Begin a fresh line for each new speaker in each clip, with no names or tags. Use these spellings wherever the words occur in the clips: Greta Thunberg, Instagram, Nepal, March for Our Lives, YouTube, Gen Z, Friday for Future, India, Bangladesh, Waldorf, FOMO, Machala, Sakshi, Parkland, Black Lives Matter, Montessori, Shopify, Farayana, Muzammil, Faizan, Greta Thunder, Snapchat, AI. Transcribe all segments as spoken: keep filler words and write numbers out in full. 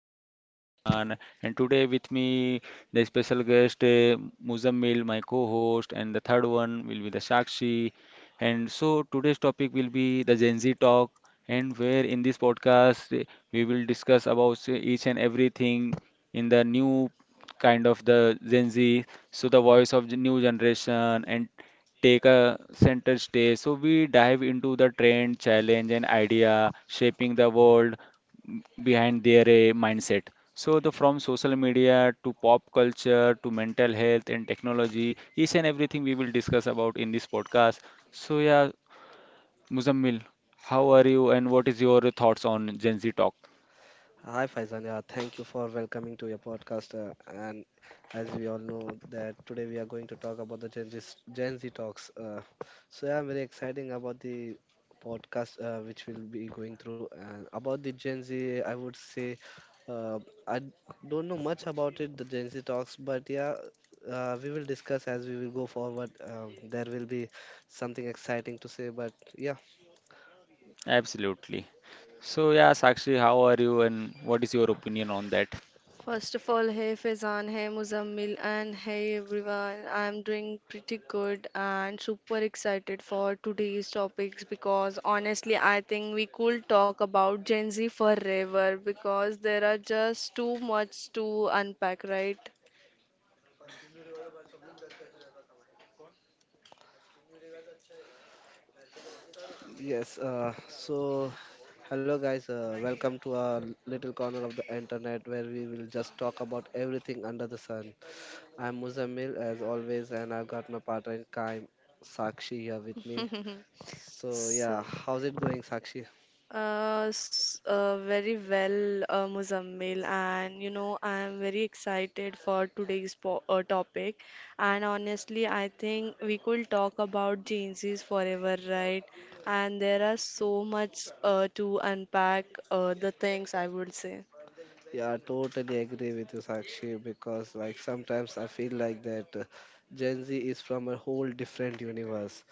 your host Faizan, and today with me the special guest uh, Muzammil, my co-host, and the third one will be the Sakshi. And so today's topic will be the Gen Z talk, and where in this podcast uh, we will discuss about uh, each and everything in the new kind of the Gen Z, so the voice of the new generation and take a center stage. So we dive into the trend, challenge, and idea shaping the world m- behind their uh, mindset. So the from social media to pop culture to mental health and technology, each and everything we will discuss about in this podcast. So yeah, Muzammil, how are you and what is your thoughts on Gen Z talk?
Hi Faizan, yeah, thank you for welcoming to your podcast. Uh, and as we all know that today we are going to talk about the Gen Z, Gen Z talks. Uh, so yeah, I'm very exciting about the podcast uh, which we'll be going through. And about the Gen Z, I would say uh, I d- don't know much about it, the Gen Z talks, but yeah, uh, we will discuss as we will go forward. Um, there will be something exciting to say, but yeah.
Absolutely. So yeah, Sakshi, how are you and what is your opinion on that?
First of all, hey Faizan, hey Muzammil, and hey everyone. I'm doing pretty good and super excited for today's topics because honestly, I think we could talk about Gen Z forever because there are just too much to unpack, right?
Yes, uh, so hello guys, uh, welcome to our little corner of the internet where we will just talk about everything under the sun. I'm Muzammil as always, and I've got my partner in crime, Sakshi, here with me. So, yeah,
So.
how's it going, Sakshi?
Uh, s- uh, very well, uh, Muzammil, and you know, I am very excited for today's po uh, topic. And honestly, I think we could talk about Gen Zs forever, right? And there are so much uh, to unpack, uh, the things I would say.
Yeah, I totally agree with you, Sakshi, because like sometimes I feel like that uh, Gen Z is from a whole different universe,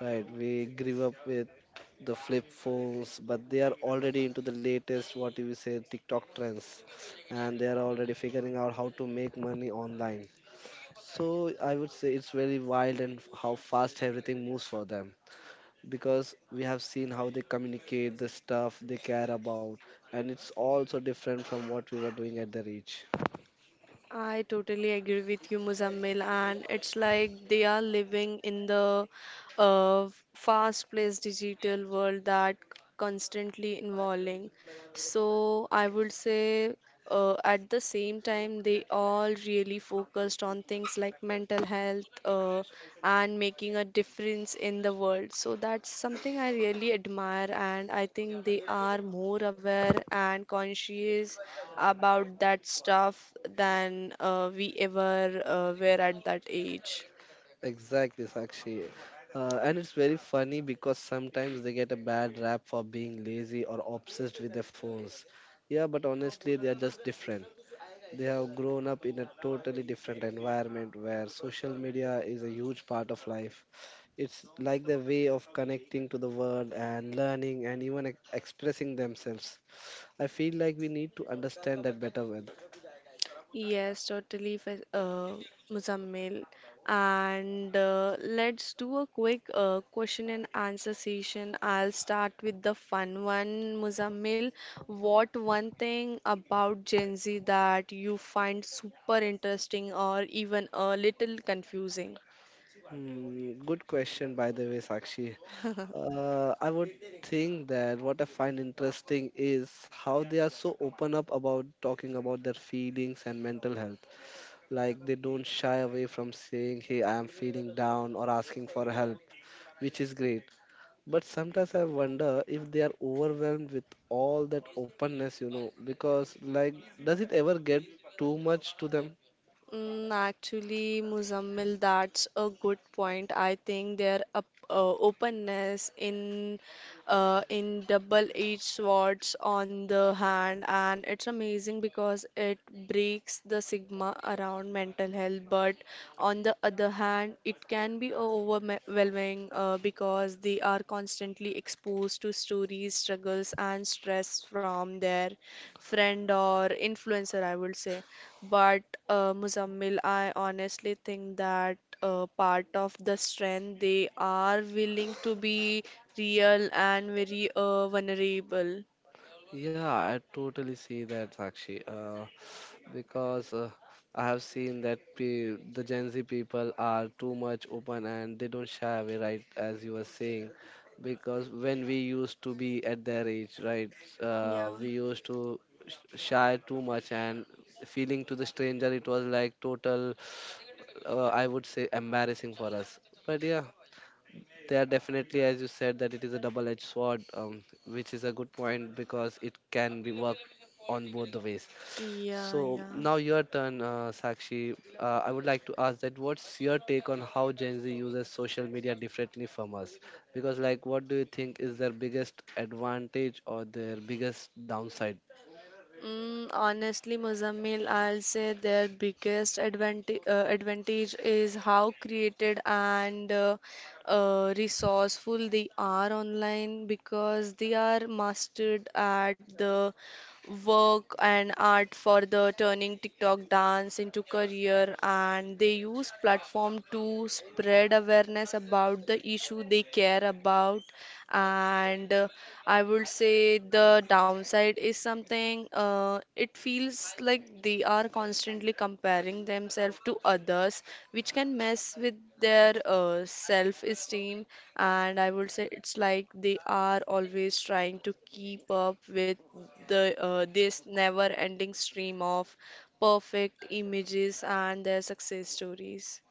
right? We grew up with the flip phones, but they are already into the latest, what do you say, TikTok trends, and they are already figuring out how to make money online. So I would say it's very wild and how fast everything moves for them because we have seen how they communicate the stuff they care about and it's also different from what we were doing at their age.
I totally agree with you, Muzammil, and it's like they are living in the uh, fast-paced digital world that constantly evolving. So I would say uh, at the same time they all really focused on things like mental health, uh, and making a difference in the world. So that's something I really admire, and I think they are more aware and conscious about that stuff than uh, we ever uh, were at that age.
Exactly, Sakshi. Uh, and it's very funny because sometimes they get a bad rap for being lazy or obsessed with their phones. Yeah, but honestly, they are just different. They have grown up in a totally different environment where social media is a huge part of life. It's like their way of connecting to the world and learning and even ex- expressing themselves. I feel like we need to understand that better well.
Yes, totally, Fe- uh, Muzammil. And uh, let's do a quick uh, question and answer session. I'll start with the fun one, Muzammil. What one thing about Gen Z that you find super interesting or even a little confusing?
Mm, good question, by the way, Sakshi. Uh, I would think that what I find interesting is how they are so open up about talking about their feelings and mental health. Like they don't shy away from saying, "Hey, I am feeling down," or asking for help, which is great. But sometimes I wonder if they are overwhelmed with all that openness, you know, because like, does it ever get too much to them?
Mm, actually, Muzammil, that's a good point. I think their up, uh, openness in uh, in double-edged swords on the hand, and it's amazing because it breaks the stigma around mental health. But on the other hand, it can be overwhelming uh, because they are constantly exposed to stories, struggles, and stress from their friend or influencer, I would say. But uh, Muzammil, I honestly think that uh, part of the strength they are willing to be real and very uh, vulnerable.
Yeah, I totally see that, Sakshi. Uh, because uh, I have seen that pe the Gen Z people are too much open and they don't shy away, right? As you were saying, because when we used to be at their age, right, uh,
Yeah,
we used to sh- shy too much and feeling to the stranger, it was like total, uh, I would say, embarrassing for us. But yeah, they are definitely, as you said, that it is a double-edged sword, um, which is a good point because it can be worked on both the ways.
yeah,
So
yeah.
now your turn, uh, Sakshi. Uh, I would like to ask that what's your take on how Gen Z uses social media differently from us? Because like, what do you think is their biggest advantage or their biggest downside?
Mm, honestly, Muzammil, I'll say their biggest advantage uh, advantage is how created and uh, uh, resourceful they are online because they are mastered at the work and art for the turning TikTok dance into career, and they use platform to spread awareness about the issue they care about and uh, I would say the downside is something, uh, it feels like they are constantly comparing themselves to others, which can mess with their uh, self-esteem. And I would say it's like they are always trying to keep up with the uh, this never-ending stream of perfect images and their success stories.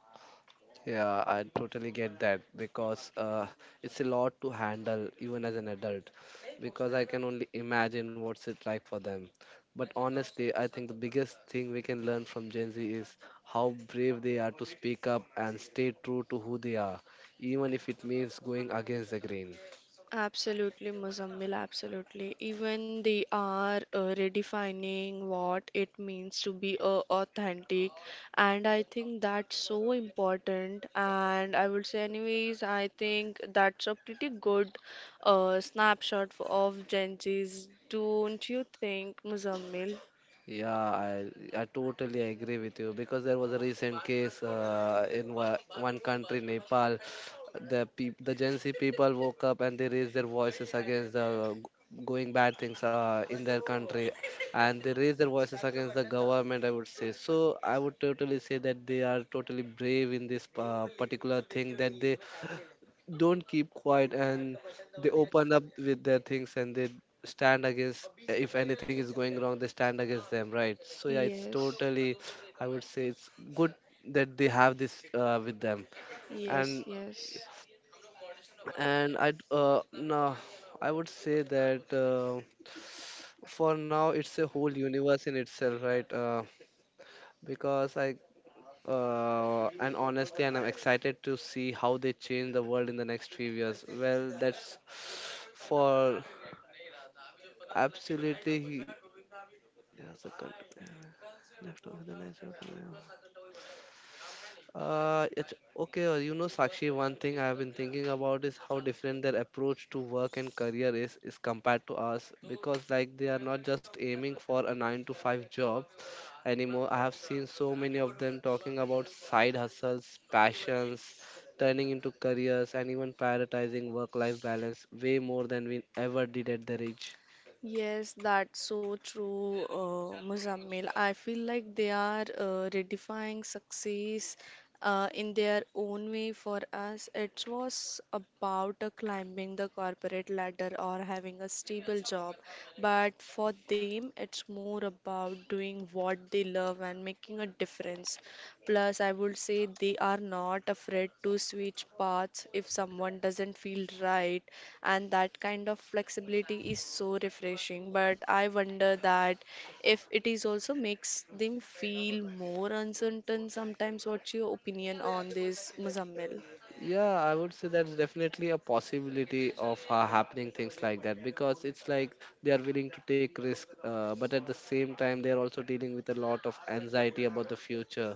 Yeah, I totally get that because uh, it's a lot to handle even as an adult because I can only imagine what's it like for them. But honestly, I think the biggest thing we can learn from Gen Z is how brave they are to speak up and stay true to who they are, even if it means going against the grain.
Absolutely, Muzammil, absolutely. Even they are uh, redefining what it means to be uh, authentic, and I think that's so important. And I would say, anyways, I think that's a pretty good uh, snapshot f- of Gen Z's, don't you think, Muzammil?
Yeah, I I totally agree with you because there was a recent case uh, in wa- one country, Nepal. The peop the Gen Z people woke up and they raised their voices against the g- going bad things uh, in their country, and they raised their voices against the government. I would say so. I would totally say that they are totally brave in this uh, particular thing that they don't keep quiet and they open up with their things and they stand against if anything is going wrong, they stand against them, right? So yeah, it's
Yes,
totally, I would say, it's good that they have this uh, with them,
yes,
and
yes.
and I uh, no I would say that uh, for now it's a whole universe in itself, right? uh, because I Uh, and honestly, and I'm excited to see how they change the world in the next few years. Well, that's for absolutely. He has a country. Left of the natural phenomenon. Uh, it's okay. uh, You know, Sakshi, one thing I have been thinking about is how different their approach to work and career is is compared to us because like they are not just aiming for a nine to five job anymore. I have seen so many of them talking about side hustles, passions, turning into careers and even prioritizing work life balance way more than we ever did at their age.
Yes, that's so true, uh, Muzammil. I feel like they are uh, redefining success uh, in their own way for us. It was about uh, climbing the corporate ladder or having a stable job, but for them, it's more about doing what they love and making a difference. Plus, I would say they are not not afraid to switch paths if someone doesn't feel right, and that kind of flexibility is so refreshing, but I wonder that if it is also makes them feel more uncertain sometimes. What's your opinion on this, Muzammil?
Yeah, I would say that's definitely a possibility of uh, happening things like that because it's like they are willing to take risk, uh, but at the same time they are also dealing with a lot of anxiety about the future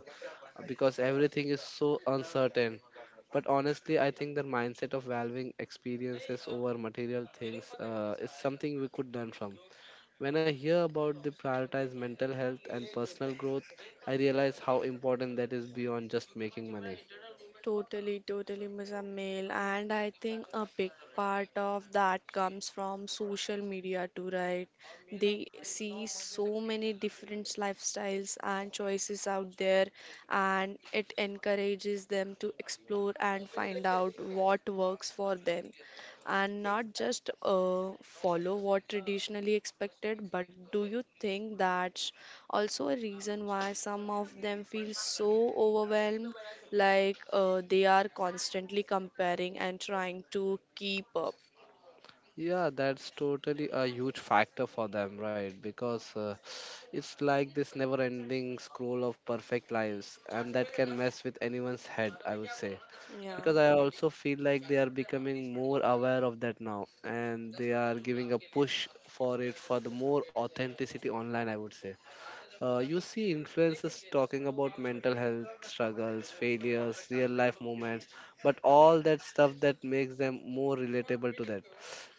uh, because everything is so uncertain. But honestly, I think the mindset of valuing experiences over material things uh, is something we could learn from. When I hear about the prioritize mental health and personal growth, I realize how important that is beyond just making money.
Totally, totally, miss Mail. And I think a big part of that comes from social media too, right? They see so many different lifestyles and choices out there, and it encourages them to explore and find out what works for them. And not just uh, follow what traditionally expected, but do you think that's also a reason why some of them feel so overwhelmed? Like uh, they are constantly comparing and trying to keep up.
Yeah, that's totally a huge factor for them, right? Because uh, it's like this never ending scroll of perfect lives, and that can mess with anyone's head, I would say. Because
Yeah.
I also feel like they are becoming more aware of that now, and they are giving a push for it for the more authenticity online, I would say. Uh, you see influencers talking about mental health struggles, failures, real life moments, but all that stuff that makes them more relatable to that.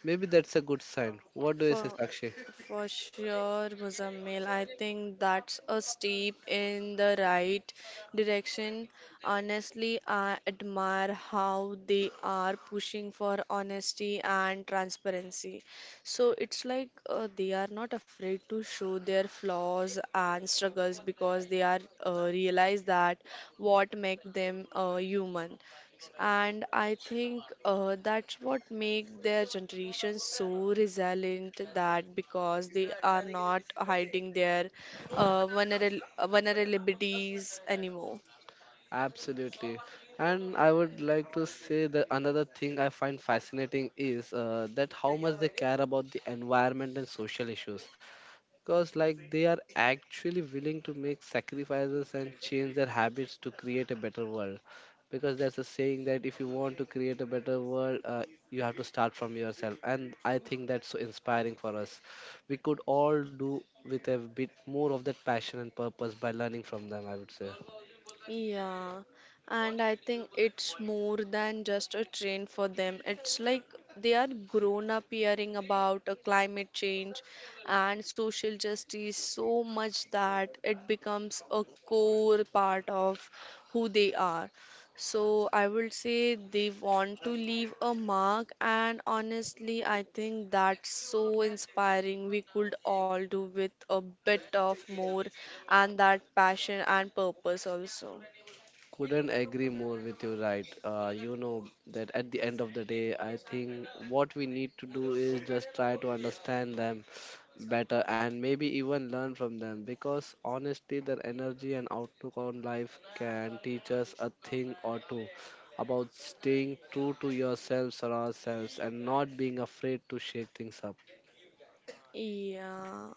Maybe that's a good sign. What do you say,
For
Sakshi?
for sure, Muzammil. I think that's a step in the right direction. Honestly, I admire how they are pushing for honesty and transparency. So it's like uh, they are not afraid to show their flaws and struggles because they are uh, realize that what make them uh, human. And I think uh, that's what make their generation so resilient that because they are not hiding their uh, vulnera- vulnerabilities anymore.
Absolutely. And I would like to say that another thing I find fascinating is uh, that how much they care about the environment and social issues because like they are actually willing to make sacrifices and change their habits to create a better world because there's a saying that if you want to create a better world uh, you have to start from yourself, and I think that's so inspiring for us. We could all do with a bit more of that passion and purpose by learning from them, I would say.
Yeah, and I think it's more than just a trend for them. It's like they are grown up hearing about uh, climate change and social justice so much that it becomes a core part of who they are. So I would say they want to leave a mark, and honestly, I think that's so inspiring. We could all do with a bit of more and that passion and purpose also.
Couldn't agree more with you, right? Uh, you know that at the end of the day I think what we need to do is just try to understand them better and maybe even learn from them because honestly their energy and outlook on life can teach us a thing or two about staying true to yourselves or ourselves and not being afraid to shake things up.
Yeah.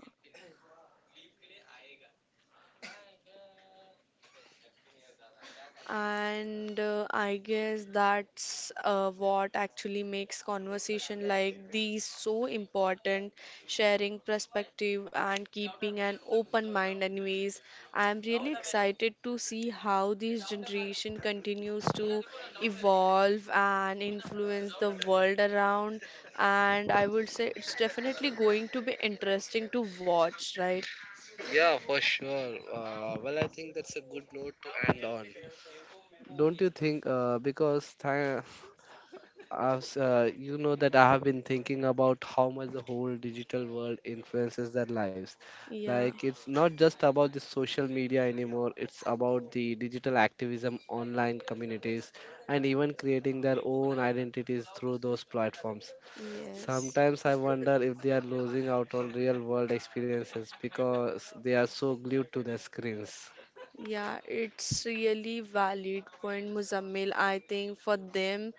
And uh, I guess that's uh, what actually makes conversation like these so important, sharing perspective and keeping an open mind anyways. I'm really excited to see how this generation continues to evolve and influence the world around. And I would say it's definitely going to be interesting to watch, right?
Yeah, for sure. Uh, well, I think that's a good note to end on. Don't you think uh, because th- I've, uh, you know that I have been thinking about how much the whole digital world influences their lives.
Yeah,
Like it's not just about the social media anymore. It's about the digital activism, online communities, and even creating their own identities through those platforms.
yes.
Sometimes I wonder if they are losing out on real world experiences because they are so glued to their screens.
Yeah, it's really valid point, Muzammil. I think for them,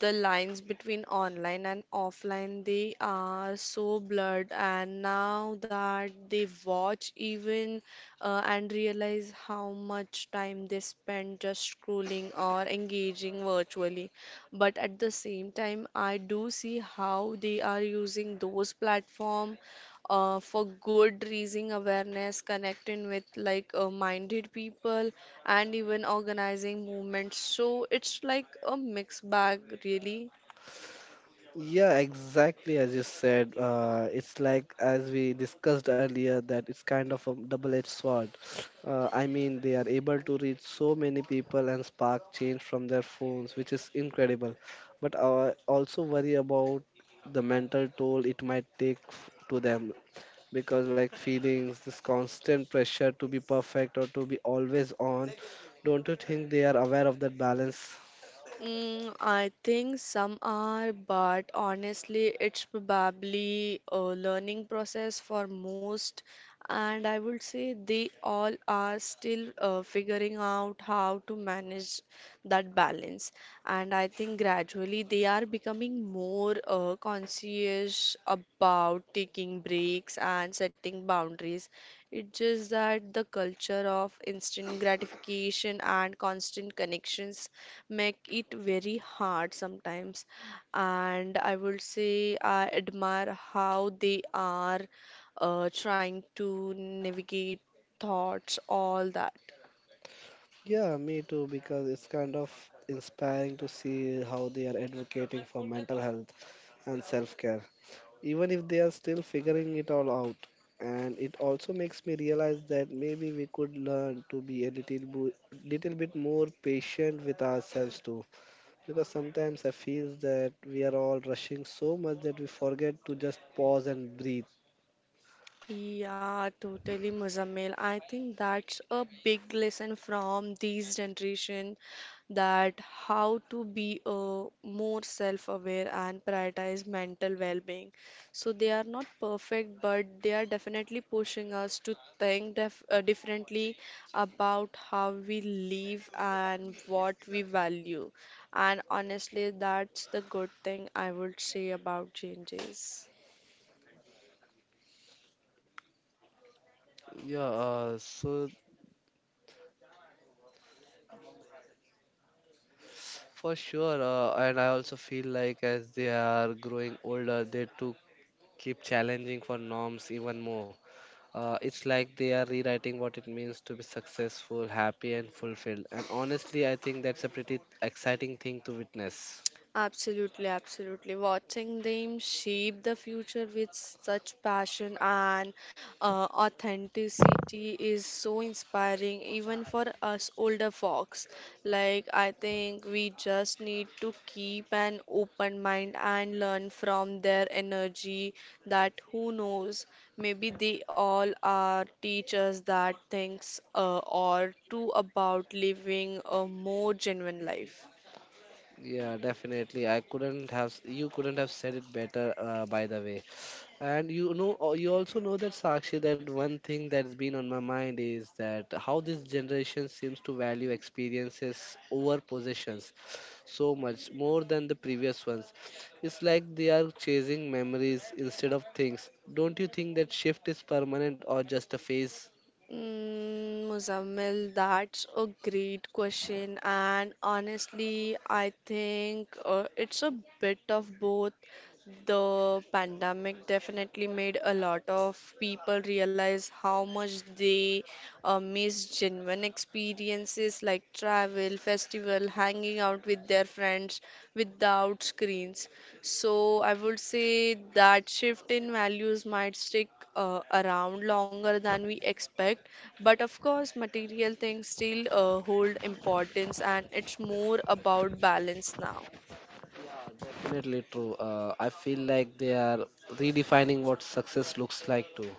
the lines between online and offline, they are so blurred. And now that they watch even uh, and realize how much time they spend just scrolling or engaging virtually. But at the same time, I do see how they are using those platforms uh, for good, raising awareness, connecting with like uh, minded people, and even organizing movements. So it's like a mixed bag, really.
Yeah, exactly as you said. Uh, it's like as we discussed earlier that it's kind of a double-edged sword. Uh, I mean, they are able to reach so many people and spark change from their phones, which is incredible. But I also worry about the mental toll it might take f- to them because, like, feelings, this constant pressure to be perfect or to be always on. Don't you think they are aware of that balance?
Mm, I think some are, but honestly, it's probably a learning process for most, and I would say they all are still uh, figuring out how to manage that balance. And I think gradually they are becoming more uh, conscious about taking breaks and setting boundaries. It's just that the culture of instant gratification and constant connections make it very hard sometimes. And I would say I admire how they are uh, trying to navigate thoughts, all that.
Yeah, me too, because it's kind of inspiring to see how they are advocating for mental health and self care, even if they are still figuring it all out. And it also makes me realize that maybe we could learn to be a little, bo- little bit more patient with ourselves too. Because sometimes I feel that we are all rushing so much that we forget to just pause and breathe.
Yeah, totally, Muzammil. I think that's a big lesson from these generation, that how to be uh, more self-aware and prioritize mental well-being. So they are not perfect, but they are definitely pushing us to think def uh, differently about how we live and what we value. And honestly, that's the good thing I would say about changes.
Yeah, uh, so For sure, uh, and I also feel like as they are growing older, they too keep challenging for norms even more. Uh, it's like they are rewriting what it means to be successful, happy, and fulfilled. And honestly, I think that's a pretty exciting thing to witness.
Absolutely, absolutely. Watching them shape the future with such passion and uh, authenticity is so inspiring, even for us older folks. Like, I think we just need to keep an open mind and learn from their energy that who knows, maybe they all are teachers that thinks uh, or too about living a more genuine life.
Yeah, definitely. I couldn't have, you couldn't have said it better, uh, by the way. And you know, uh, you also know that Sakshi, that one thing that's been on my mind is that how this generation seems to value experiences over possessions so much more than the previous ones. It's like they are chasing memories instead of things. Don't you think that shift is permanent or just a phase?
Mm, Muzammil, that's a great question, and honestly, I think uh, it's a bit of both. The pandemic definitely made a lot of people realize how much they uh, miss genuine experiences like travel, festival, hanging out with their friends without screens. So I would say that shift in values might stick uh, around longer than we expect, but of course, material things still uh, hold importance, and it's more about balance now.
Yeah, definitely true. Uh, I feel like they are redefining what success looks like too,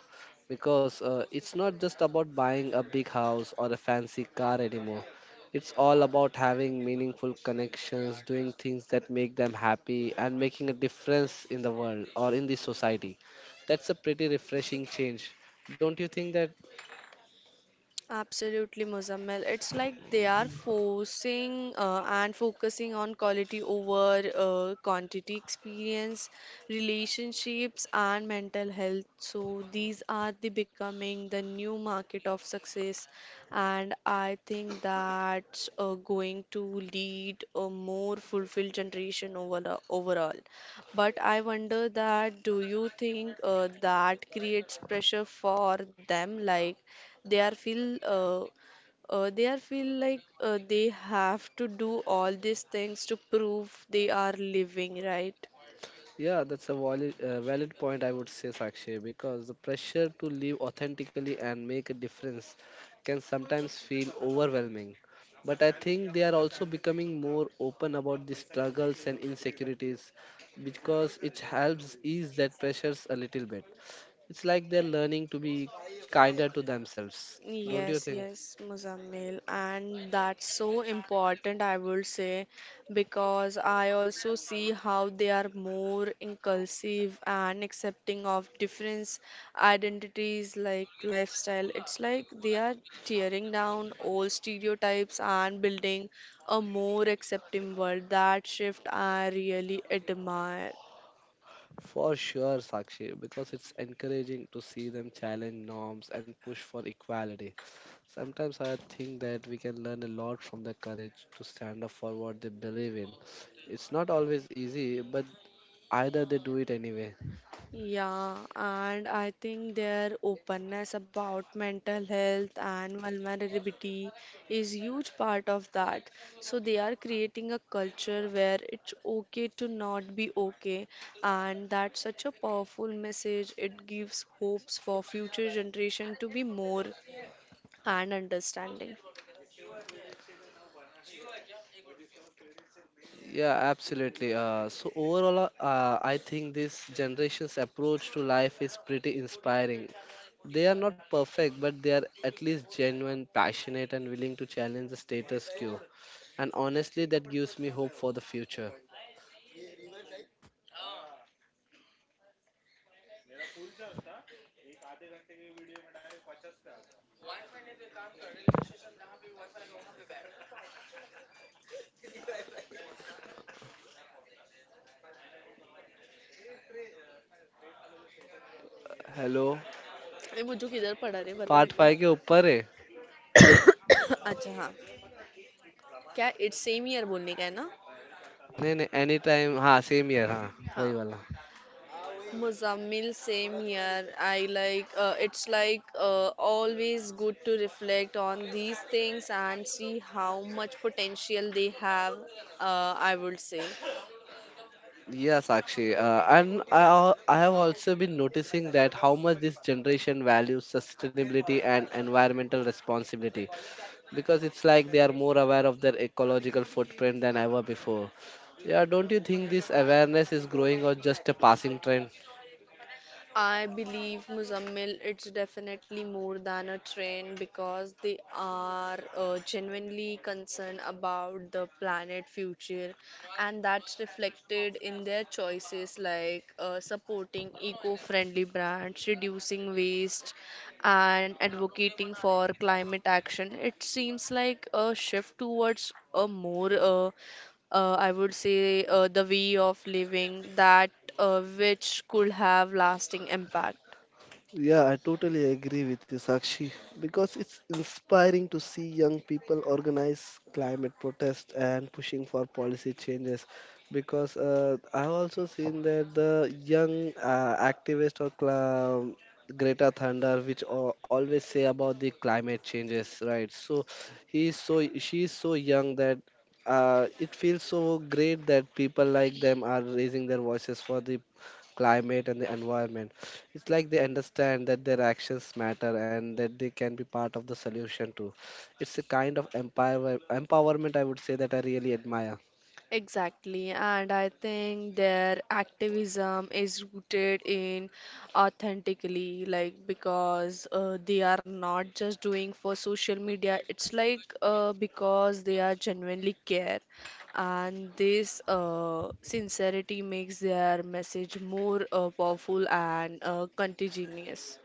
because uh, it's not just about buying a big house or a fancy car anymore. It's all about having meaningful connections, doing things that make them happy, and making a difference in the world or in the society. That's a pretty refreshing change. Don't you think that?
Absolutely, Muzammil. It's like they are forcing uh, and focusing on quality over uh, quantity, experience, relationships, and mental health. So these are the becoming the new market of success, and I think that's uh, going to lead a more fulfilled generation over the, overall. But I wonder that do you think uh, that creates pressure for them, like? they are feel uh, uh, they are feel like uh, they have to do all these things to prove they are living, right?
Yeah, that's a valid, uh, valid point, I would say, Sakshi, because the pressure to live authentically and make a difference can sometimes feel overwhelming. But I think they are also becoming more open about the struggles and insecurities because it helps ease that pressures a little bit. It's like they're learning to be kinder to themselves, don't you
Yes,
think?
yes, Muzammil, and that's so important, I would say, because I also see how they are more inclusive and accepting of different identities like lifestyle. It's like they are tearing down old stereotypes and building a more accepting world. That shift I really admire.
For sure, Sakshi, because it's encouraging to see them challenge norms and push for equality. Sometimes I think that we can learn a lot from their courage to stand up for what they believe in. It's not always easy, but either they do it anyway.
Yeah, and I think their openness about mental health and vulnerability is huge part of that. So they are creating a culture where it's okay to not be okay, and that's such a powerful message. It gives hopes for future generation to be more and understanding.
Yeah, absolutely. Uh, so overall, uh, uh, I think this generation's approach to life is pretty inspiring. They are not perfect, but they are at least genuine, passionate, and willing to challenge the status quo. And honestly, that gives me hope for the future. Hello
ये बुज्जू किधर पढ़ा रहे बता
part
मेरे को
five के ऊपर है
अच्छा हाँ क्या इट्स सेम ईयर बोलने का है ना
नहीं नहीं एनी टाइम हाँ सेम ईयर हाँ वही
हाँ
वाला.
Muzammil, same here. I like uh, it's like uh, always good to reflect on these things and see how much potential they have, uh, I would say.
Yeah, Sakshi. Uh, and I, al- I have also been noticing that how much this generation values sustainability and environmental responsibility, because it's like they are more aware of their ecological footprint than ever before. Yeah, don't you think this awareness is growing or just a passing trend?
I believe Muzammil, it's definitely more than a trend because they are uh, genuinely concerned about the planet future, and that's reflected in their choices like uh, supporting eco-friendly brands, reducing waste, and advocating for climate action. It seems like a shift towards a more uh, uh, I would say, uh, the way of living that uh, which could have lasting impact.
Yeah, I totally agree with you, Sakshi, because it's inspiring to see young people organize climate protests and pushing for policy changes. Because uh, I've also seen that the young uh, activist or cla- um, Greta Thunder, which al- always say about the climate changes, right? So he is so she is so young that uh, it feels so great that people like them are raising their voices for the climate and the environment. It's like they understand that their actions matter and that they can be part of the solution too. It's a kind of empower empowerment I would say that I really admire.
Exactly, and I think their activism is rooted in authentically, like because uh, they are not just doing for social media, it's like uh, because they are genuinely care, and this uh, sincerity makes their message more uh, powerful and uh, contagious.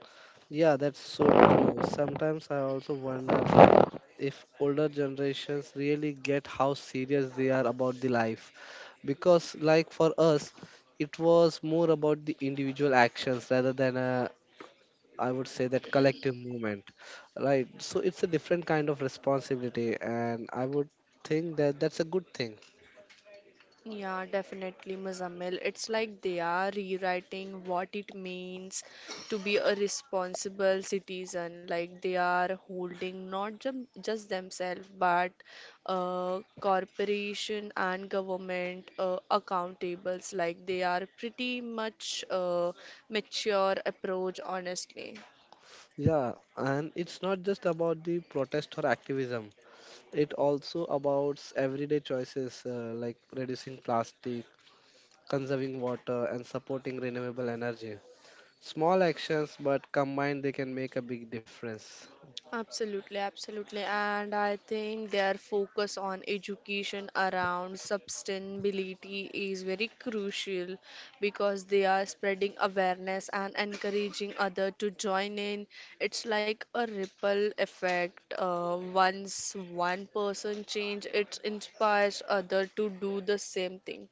Yeah, that's so true. Sometimes I also wonder that if older generations really get how serious they are about the life, because like for us it was more about the individual actions rather than a, I would say, that collective movement, right? So it's a different kind of responsibility, and I would think that that's a good thing.
Yeah, definitely, Muzammil. It's like they are rewriting what it means to be a responsible citizen. Like they are holding not jum- just themselves, but uh, corporation and government uh, accountables. Like they are pretty much uh, mature approach, honestly.
Yeah, and it's not just about the protest or activism. It also about everyday choices uh, like reducing plastic, conserving water, and supporting renewable energy. Small actions, but combined, they can make a big difference.
Absolutely, absolutely. And I think their focus on education around sustainability is very crucial because they are spreading awareness and encouraging other to join in. It's like a ripple effect. Uh, once one person change, it inspires other to do the same thing.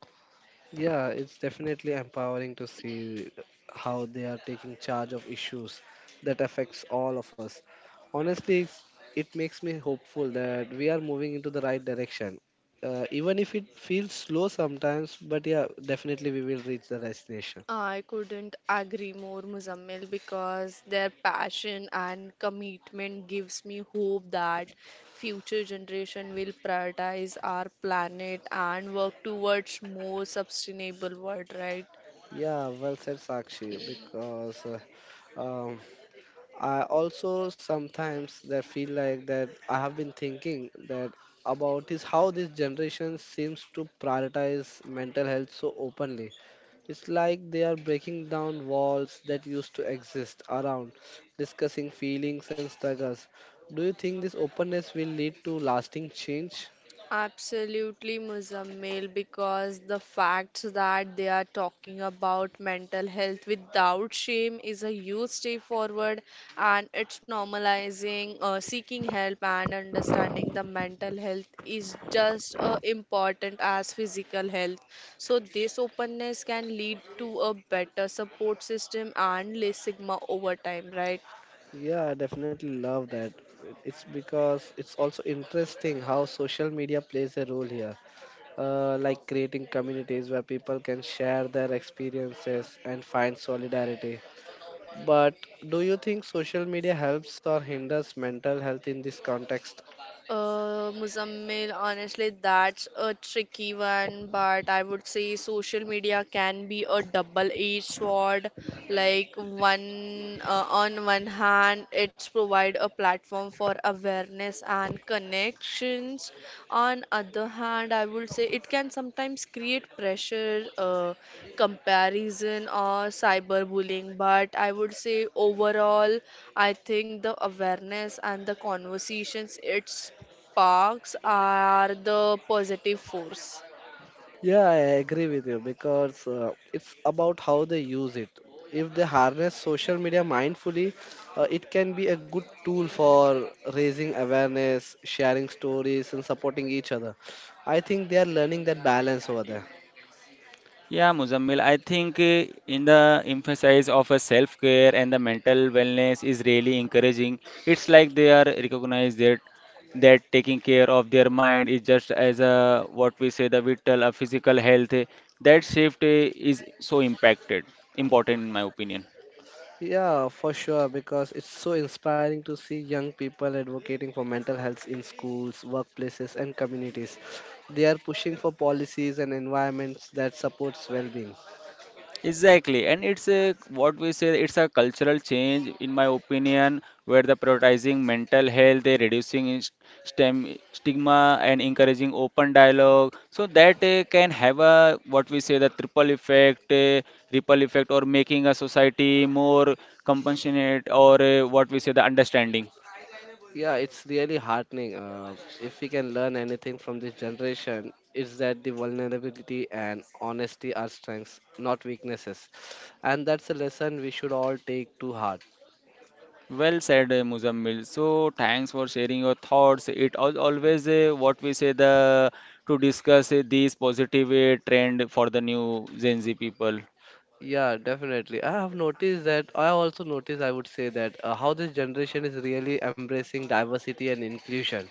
Yeah, it's definitely empowering to see how they are taking charge of issues that affects all of us. Honestly, it's- it makes me hopeful that we are moving into the right direction. Uh, even if it feels slow sometimes, but yeah, definitely we will reach the destination.
I couldn't agree more, Muzammil, because their passion and commitment gives me hope that future generation will prioritize our planet and work towards more sustainable world, right?
Yeah, well said, Sakshi, because uh, um, I also sometimes that feel like that I have been thinking that about is how this generation seems to prioritize mental health so openly. It's like they are breaking down walls that used to exist around discussing feelings and struggles. Do you think this openness will lead to lasting change?
Absolutely, Muzammil, because the fact that they are talking about mental health without shame is a huge step forward, and it's normalizing uh, seeking help and understanding the mental health is just uh, important as physical health. So, this openness can lead to a better support system and less stigma over time, right?
Yeah, I definitely love that. It's because it's also interesting how social media plays a role here, uh, like creating communities where people can share their experiences and find solidarity. But do you think social media helps or hinders mental health in this context?
Uh, Muzammil, honestly, that's a tricky one, but I would say social media can be a double-edged sword. Like one, uh, on one hand, it's provide a platform for awareness and connections. On other hand, I would say it can sometimes create pressure, uh, comparison or cyberbullying, but I would say overall I think the awareness and the conversations it sparks are the positive force.
Yeah, I agree with you because uh, it's about how they use it. If they harness social media mindfully, uh, it can be a good tool for raising awareness, sharing stories, and supporting each other. I think they are learning that balance over there.
Yeah, Muzammil, I think uh, in the emphasis of a self-care and the mental wellness is really encouraging. It's like they are recognized that that taking care of their mind is just as a what we say the vital, a physical health. eh, That shift eh, is so impacted, important in my opinion.
Yeah, for sure, because it's so inspiring to see young people advocating for mental health in schools, workplaces, and communities. They are pushing for policies and environments that supports well-being.
Exactly, and it's a what we say it's a cultural change, in my opinion, where the prioritizing mental health, they reducing is- stem, stigma, and encouraging open dialogue, so that uh, can have a what we say the triple effect, uh, ripple effect, or making a society more compassionate or uh, what we say the understanding.
Yeah, it's really heartening. Uh, if we can learn anything from this generation, it's that the vulnerability and honesty are strengths, not weaknesses. And that's a lesson we should all take to heart.
Well said, uh, Muzammil. So thanks for sharing your thoughts. It al always uh, what we say the to discuss uh, these positive uh, trend for the new Gen Z people.
Yeah, definitely. I have noticed that. I also noticed, I would say, that uh, how this generation is really embracing diversity and inclusion,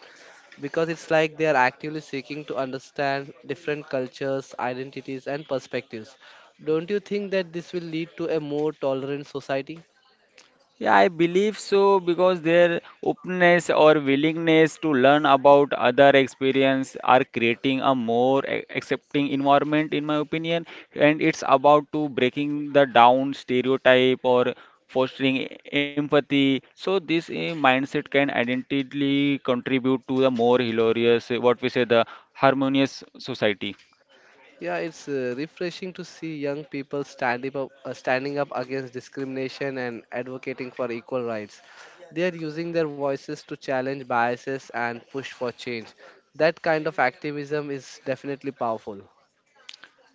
because it's like they are actively seeking to understand different cultures, identities, and perspectives. Don't you think that this will lead to a more tolerant society?
Yeah, I believe so because their openness or willingness to learn about other experience are creating a more a- accepting environment, in my opinion. And it's about to breaking the down stereotype or fostering e, empathy. So this eh, mindset can identically contribute to the more hilarious, eh, what we say, the harmonious society.
Yeah, it's uh, refreshing to see young people stand up, uh, standing up against discrimination and advocating for equal rights. They are using their voices to challenge biases and push for change. That kind of activism is definitely powerful.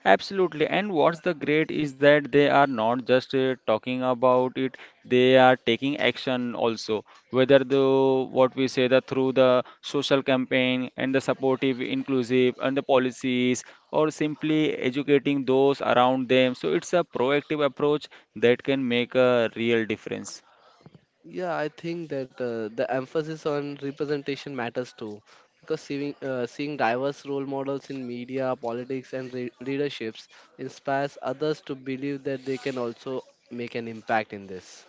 Absolutely. And what's the great is that they are not just uh, talking about it, they are taking action also. Whether the what we say that through the social campaign and the supportive, inclusive, and the policies, or simply educating those around them. So it's a proactive approach that can make a real difference.
Yeah, I think that uh, the emphasis on representation matters too, because seeing uh, seeing diverse role models in media, politics, and re- leaderships inspires others to believe that they can also make an impact in this.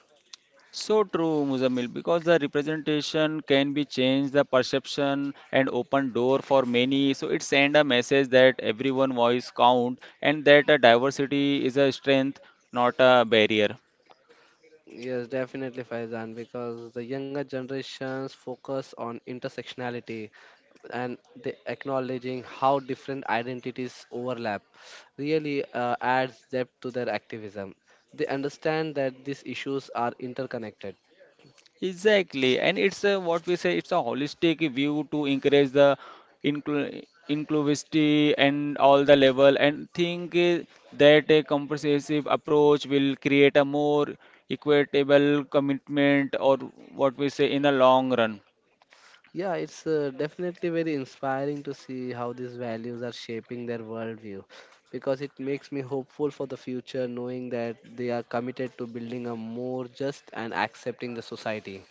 So true, Muzammil, because the representation can be changed, the perception and open door for many. So it send a message that everyone voice count and that a diversity is a strength, not a barrier.
Yes, definitely, Faizan, because the younger generations focus on intersectionality and the acknowledging how different identities overlap really uh, adds depth to their activism. They understand that these issues are interconnected.
Exactly, and it's a, what we say, it's a holistic view to encourage the inclu inclusivity and all the level. And think eh, that a comprehensive approach will create a more equitable commitment, or what we say, in the long run.
Yeah, it's uh, definitely very inspiring to see how these values are shaping their worldview, because it makes me hopeful for the future knowing that they are committed to building a more just and accepting the society.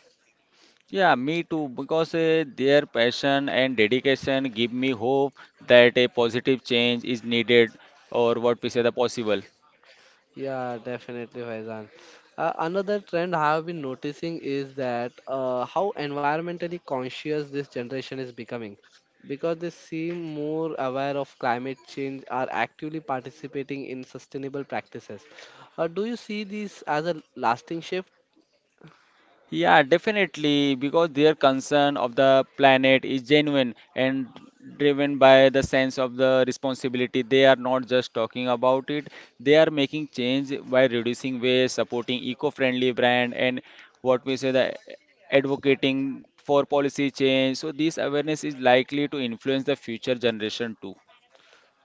Yeah, me too, because eh, their passion and dedication give me hope that a positive change is needed, or what we say, the possible.
Yeah, definitely, Faizan. Uh, another trend I have been noticing is that uh, how environmentally conscious this generation is becoming, because they seem more aware of climate change, are actively participating in sustainable practices. Uh, do you see this as a lasting shift?
Yeah, definitely, because their concern of the planet is genuine and driven by the sense of the responsibility. They are not just talking about it, they are making change by reducing waste, supporting eco-friendly brand, and what we say the advocating for policy change. So this awareness is likely to influence the future generation too.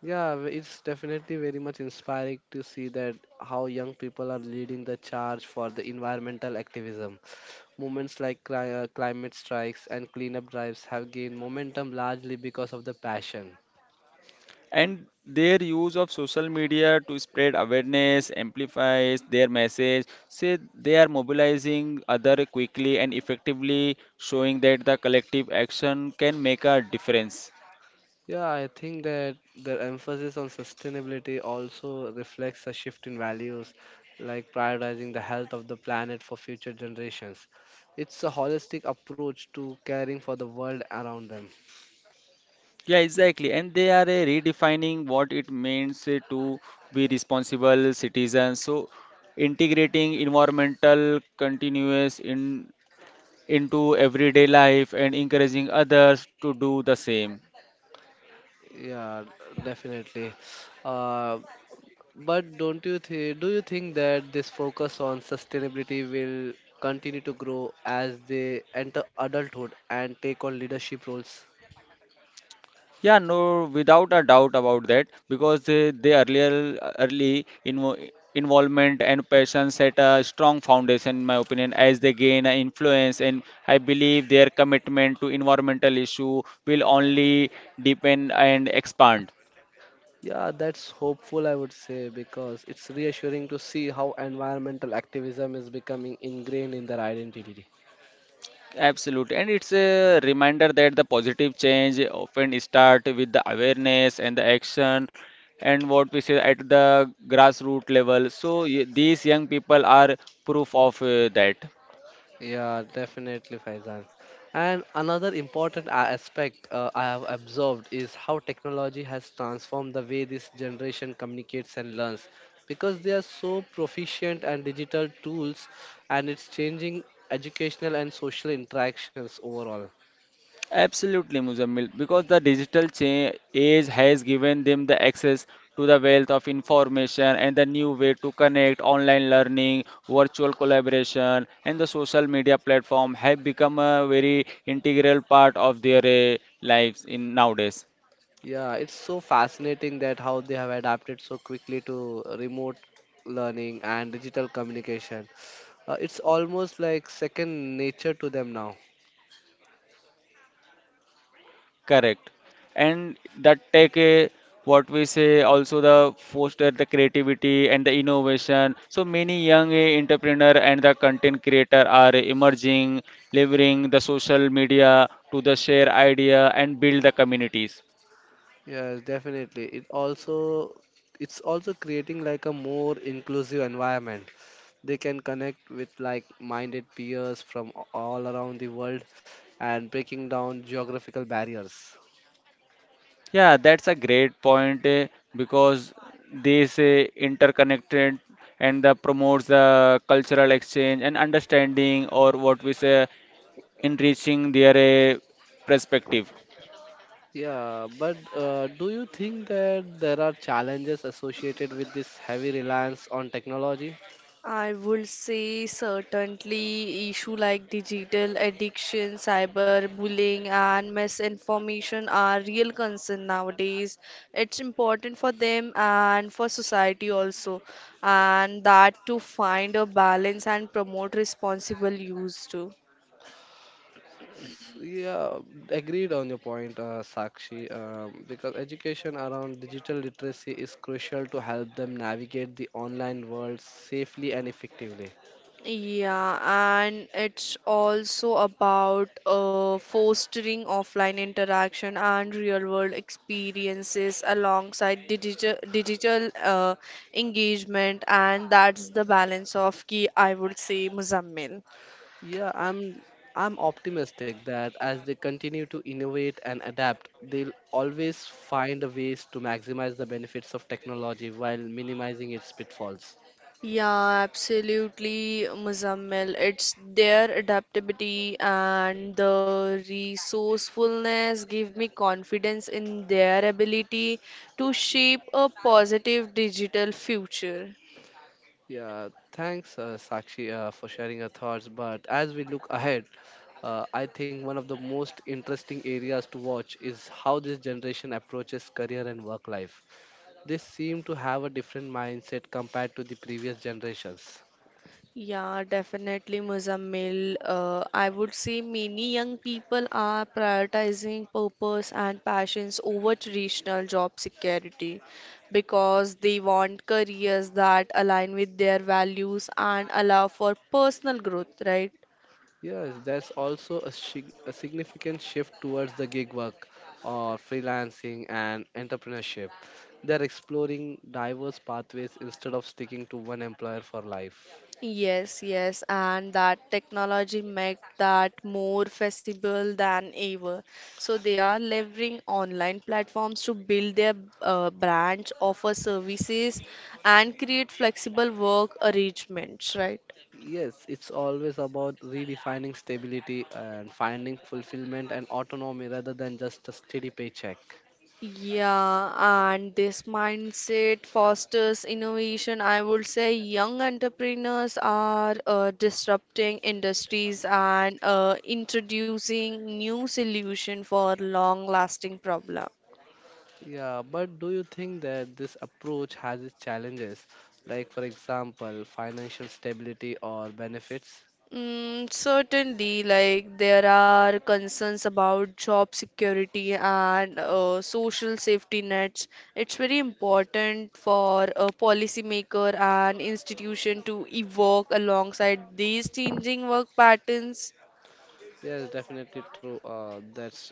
Yeah, w- it's definitely very much inspiring to see that how young people are leading the charge for the environmental activism. Movements like cli- uh, climate strikes and cleanup drives have gained momentum largely because of the passion.
And their use of social media to spread awareness, amplifies their message. Say they are mobilizing other quickly and effectively, showing that the collective action can make a difference.
Yeah, I think that the emphasis on sustainability also reflects a shift in values, like prioritizing the health of the planet for future generations. It's a holistic approach to caring for the world around them.
Yeah, exactly. And they are uh, redefining what it means uh, to be responsible citizens. So integrating environmental continuous in into everyday life and encouraging others to do the same.
Yeah, definitely. Uh, But don't you th- do you think that this focus on sustainability will continue to grow as they enter adulthood and take on leadership roles?
Yeah, no, without a doubt about that, because uh, the earlier early invo involvement and passion set a strong foundation, in my opinion, as they gain a influence, and I believe their commitment to environmental issue will only deepen and expand.
Yeah, that's hopeful, I would say, because it's reassuring to see how environmental activism is becoming ingrained in their identity.
Absolutely, and it's a reminder that the positive change often start with the awareness and the action, and what we say at the grassroots level. So y- these young people are proof of uh, that.
Yeah, definitely, Faizan. And another important a- aspect uh, I have observed is how technology has transformed the way this generation communicates and learns, because they are so proficient and digital tools, and it's changing educational and social interactions overall.
Absolutely, Muzammil, because the digital cha- age has given them the access to the wealth of information and the new way to connect online learning, virtual collaboration, and the social media platform have become a very integral part of their uh, lives in nowadays.
Yeah, it's so fascinating that how they have adapted so quickly to remote learning and digital communication. Uh, it's almost like second nature to them now.
Correct. And that take a, what we say also the foster the creativity and the innovation. So many young eh, entrepreneur and the content creator are emerging, leveraging the social media to the share idea and build the communities.
Yeah, definitely. It also it's also creating like a more inclusive environment. They can connect with like-minded peers from a- all around the world and breaking down geographical barriers.
Yeah, that's a great point eh, because this eh, interconnected and the promotes the cultural exchange and understanding or what we say enriching their eh, perspective.
Yeah, but uh, do you think that there are challenges associated with this heavy reliance on technology?
I would say certainly issue like digital addiction, cyberbullying, and misinformation are real concern nowadays. It's important for them and for society also, and that to find a balance and promote responsible use too.
Yeah, agreed on your point, uh, Sakshi, um, because education around digital literacy is crucial to help them navigate the online world safely and effectively.
Yeah, and it's also about uh, fostering offline interaction and real-world experiences alongside digital digital uh, engagement, and that's the balance of key, I would say, Muzammil.
Yeah, I'm I'm optimistic that as they continue to innovate and adapt, they'll always find ways to maximize the benefits of technology while minimizing its pitfalls.
Yeah, absolutely, Muzammil. It's their adaptability and the resourcefulness give me confidence in their ability to shape a positive digital future.
Yeah, thanks, uh, Sakshi, uh, for sharing your thoughts. But as we look ahead, uh, I think one of the most interesting areas to watch is how this generation approaches career and work life. They seem to have a different mindset compared to the previous generations.
Yeah, definitely, Muzammil. Uh, I would say many young people are prioritizing purpose and passions over traditional job security because they want careers that align with their values and allow for personal growth, right?
Yes, there's also a, shig a significant shift towards the gig work or freelancing and entrepreneurship. They're exploring diverse pathways instead of sticking to one employer for life.
Yes, yes, and that technology make that more feasible than ever. So they are leveraging online platforms to build their uh, branch, offer services, and create flexible work arrangements, right?
Yes, it's always about redefining stability and finding fulfillment and autonomy rather than just a steady paycheck.
Yeah, and this mindset fosters innovation. I would say young entrepreneurs are uh, disrupting industries and uh, introducing new solution for long-lasting problem.
Yeah, but do you think that this approach has its challenges, like, for example, financial stability or benefits?
Mm, certainly, like there are concerns about job security and uh, social safety nets. It's very important for a policymaker and institution to evolve alongside these changing work patterns.
Yes, definitely true. Uh, that's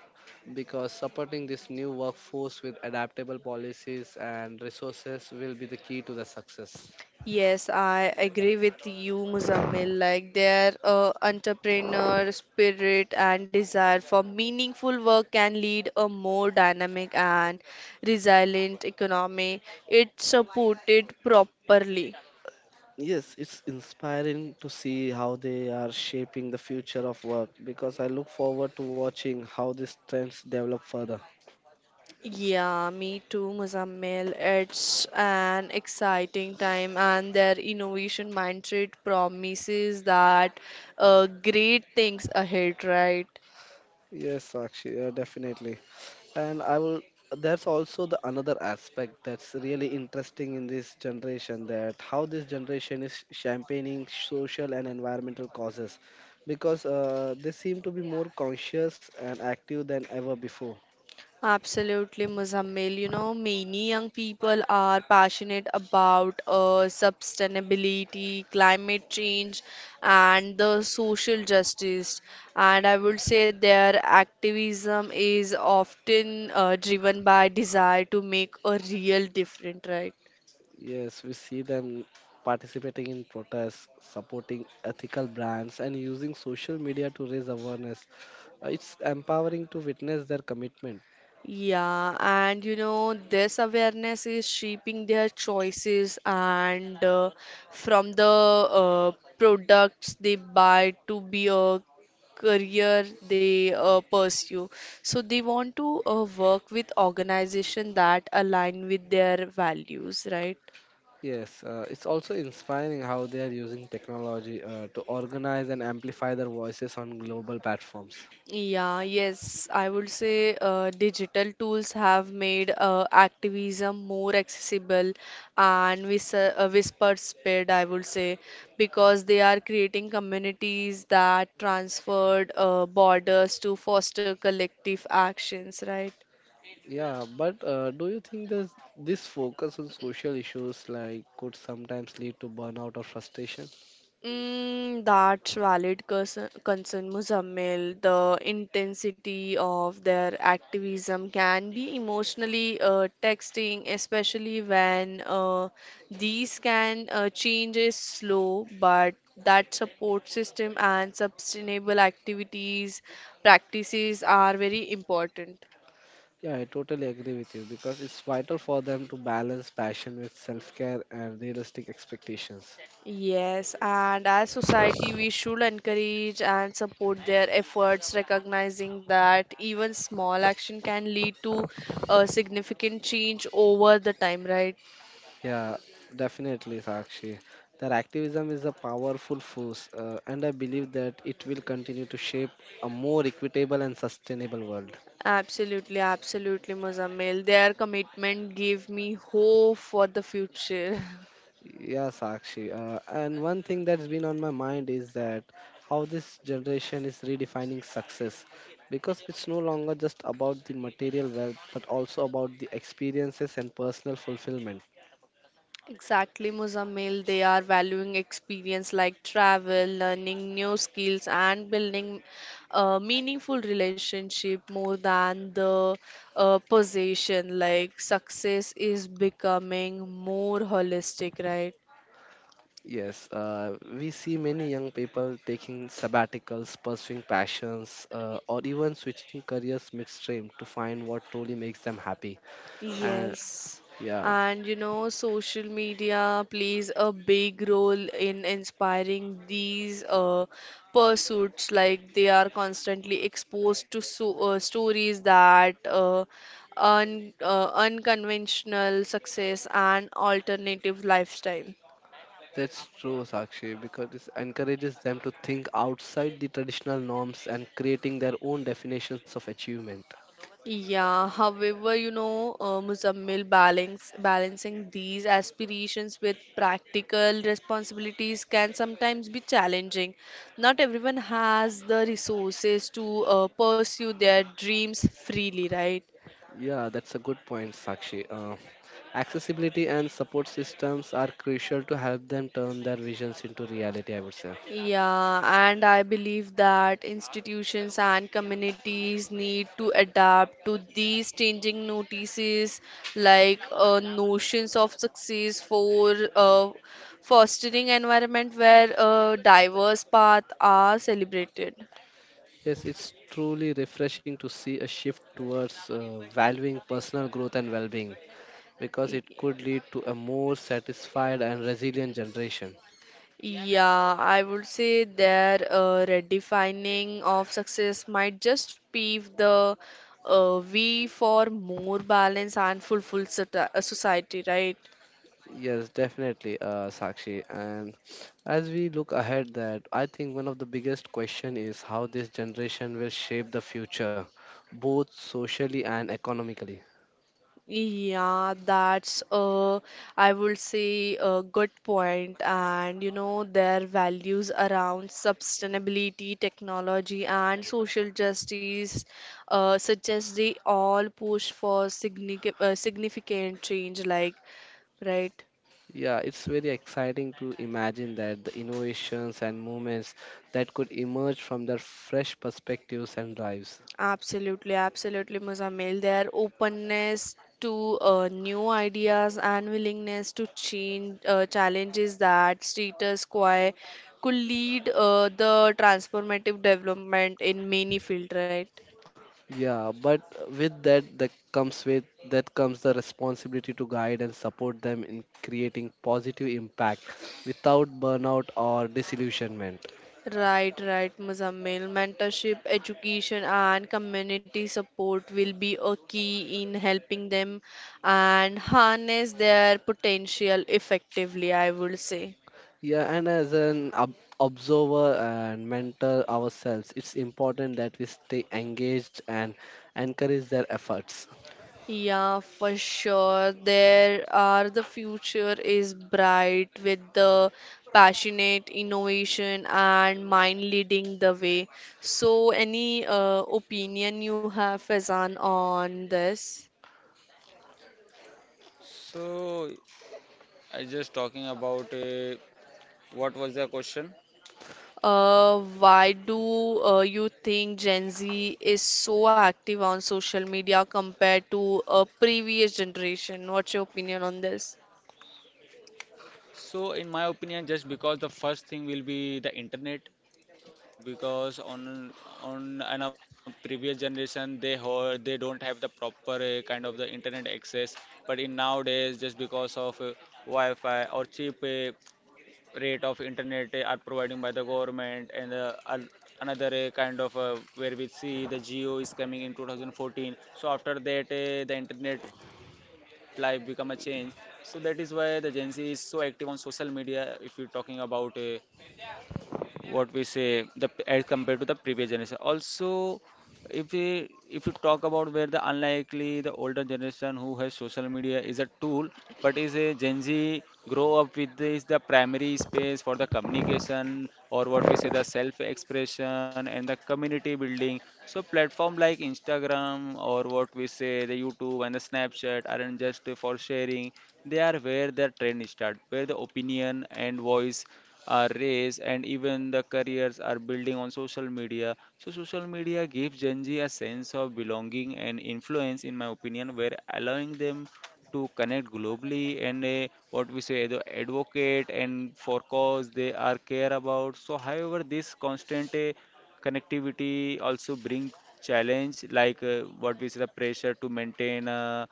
because supporting this new workforce with adaptable policies and resources will be the key to the success.
Yes, I agree with you, Muzammil. Like their uh, entrepreneur spirit and desire for meaningful work can lead a more dynamic and resilient economy. It's supported properly.
Yes, it's inspiring to see how they are shaping the future of work because I look forward to watching how these trends develop further.
Yeah, me too, Muzammil. It's an exciting time, and their innovation mindset promises that uh, great things ahead, right?
Yes, Sakshi, uh, definitely. And I will that's also the another aspect that's really interesting in this generation, that how this generation is championing social and environmental causes because uh, they seem to be more conscious and active than ever before.
Absolutely, Muzammil. You know, many young people are passionate about uh, sustainability, climate change, and the social justice. And I would say their activism is often uh, driven by desire to make a real difference, right?
Yes, we see them participating in protests, supporting ethical brands, and using social media to raise awareness. Uh, It's empowering to witness their commitment.
Yeah, and you know, this awareness is shaping their choices and uh, from the uh, products they buy to be a career they uh, pursue. So they want to uh, work with organization that align with their values, right?
Yes, uh, it's also inspiring how they are using technology uh, to organize and amplify their voices on global platforms.
Yeah, yes, I would say uh, digital tools have made uh, activism more accessible and vis uh, whispered spread, I would say, because they are creating communities that transferred uh, borders to foster collective actions, right?
Yeah, but uh, do you think this this focus on social issues like could sometimes lead to burnout or frustration?
Mm, that's valid concern, concern, Muzammil. The intensity of their activism can be emotionally uh, texting, especially when uh, these can uh, change is slow, but that support system and sustainable activities practices are very important.
Yeah, I totally agree with you because it's vital for them to balance passion with self care and realistic expectations.
Yes, and as society, we should encourage and support their efforts, recognizing that even small action can lead to a significant change over the time, right?
Yeah, definitely, Sakshi. Their activism is a powerful force, uh, and I believe that it will continue to shape a more equitable and sustainable world.
Absolutely, absolutely, Muzammil. Their commitment gave me hope for the future.
Yeah, Sakshi. Uh, and one thing that's been on my mind is that how this generation is redefining success, because it's no longer just about the material wealth but also about the experiences and personal fulfillment.
Exactly, Muzammil. They are valuing experience like travel, learning new skills, and building a meaningful relationship more than the uh, possession. Like success is becoming more holistic, right?
Yes, uh, we see many young people taking sabbaticals, pursuing passions, uh, or even switching careers midstream to find what truly makes them happy. And
Yes.
yeah,
And you know, social media plays a big role in inspiring these uh, pursuits. Like they are constantly exposed to so, uh, stories that uh, un, uh, unconventional success and alternative lifestyle.
that's true, Sakshi, because it encourages them to think outside the traditional norms and creating their own definitions of achievement.
Yeah, however, you know, uh, Muzammil, balance, balancing these aspirations with practical responsibilities can sometimes be challenging. Not everyone has the resources to uh, pursue their dreams freely, right?
Yeah, that's a good point, Sakshi. Uh, accessibility and support systems are crucial to help them turn their visions into reality, I would say.
Yeah, and I believe that institutions and communities need to adapt to these changing notices, like uh, notions of success for uh, fostering environment where uh, diverse paths are celebrated.
Yes, it's truly refreshing to see a shift towards uh, valuing personal growth and well being, because
Y-
it could lead to a more satisfied and resilient generation.
Yeah, I would say their uh, redefining of success might just pave the uh, way for more balance and fulfilled sota- uh, society, right?
Yes, definitely, uh, Sakshi. And as we look ahead, that I think one of the biggest question is how this generation will shape the future, both socially and economically.
Yeah, that's uh, I would say a good point, and you know their values around sustainability, technology, and social justice uh, suggest they all push for significant uh, significant change, like right.
Yeah, it's very exciting to imagine that the innovations and movements that could emerge from their fresh perspectives and drives.
Absolutely, absolutely, Muzammil. Their openness to uh, new ideas and willingness to change uh, challenges that status quo could lead uh, the transformative development in many fields, right?
Yeah, but with that that comes with that comes the responsibility to guide and support them in creating positive impact without burnout or disillusionment.
Right, right, Muzammil. Mentorship, education, and community support will be a key in helping them and harness their potential effectively, I would say.
Yeah, and as an ob observer and mentor ourselves, it's important that we stay engaged and encourage their efforts.
Yeah, for sure. There are the future is bright with the passionate innovation and mind leading the way. So, any uh, opinion you have, Fazan, on this?
So I just talking about uh, what was the question.
Uh, why do uh, you think Gen Z is so active on social media compared to a previous generation? What's your opinion on this?
So in my opinion, just because the first thing will be the internet, because on on an a previous generation they heard they don't have the proper uh, kind of the internet access, but in nowadays just because of uh, Wi-Fi or cheap uh, rate of internet uh, are providing by the government and uh, al- another uh, kind of uh, where we see the geo is coming in two thousand fourteen. So after that uh, the internet life become a change. So that is why the Gen Z is so active on social media. If you're talking about uh, what we say the p- as compared to the previous generation also, if we if you talk about where the unlikely the older generation who has social media is a tool, but is a Gen Z grow up with this the primary space for the communication or what we say the self expression and the community building. So platform like Instagram or what we say the YouTube and the Snapchat aren't just for sharing, they are where the trend start, where the opinion and voice our race, and even the careers are building on social media. So, social media gives Gen Z a sense of belonging and influence, in my opinion, where allowing them to connect globally and uh, what we say the advocate and for cause they are care about. So however this constant uh, connectivity also bring challenge like uh, what we say the pressure to maintain a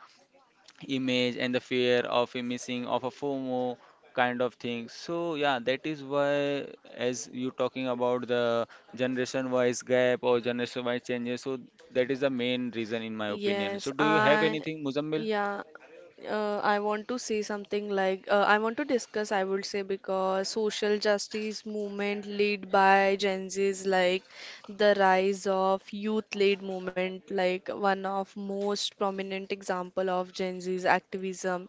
image and the fear of a missing of a FOMO kind of thing. So yeah, that is why as you talking about the generation wise gap or generation wise changes, so that is the main reason in my opinion.
Yes,
So do you have
I,
anything, Muzammil?
yeah, uh, I want to say something like uh, I want to discuss, I would say, because social justice movement led by Gen Zs, like the rise of youth-led movement, like one of most prominent example of Gen Z's activism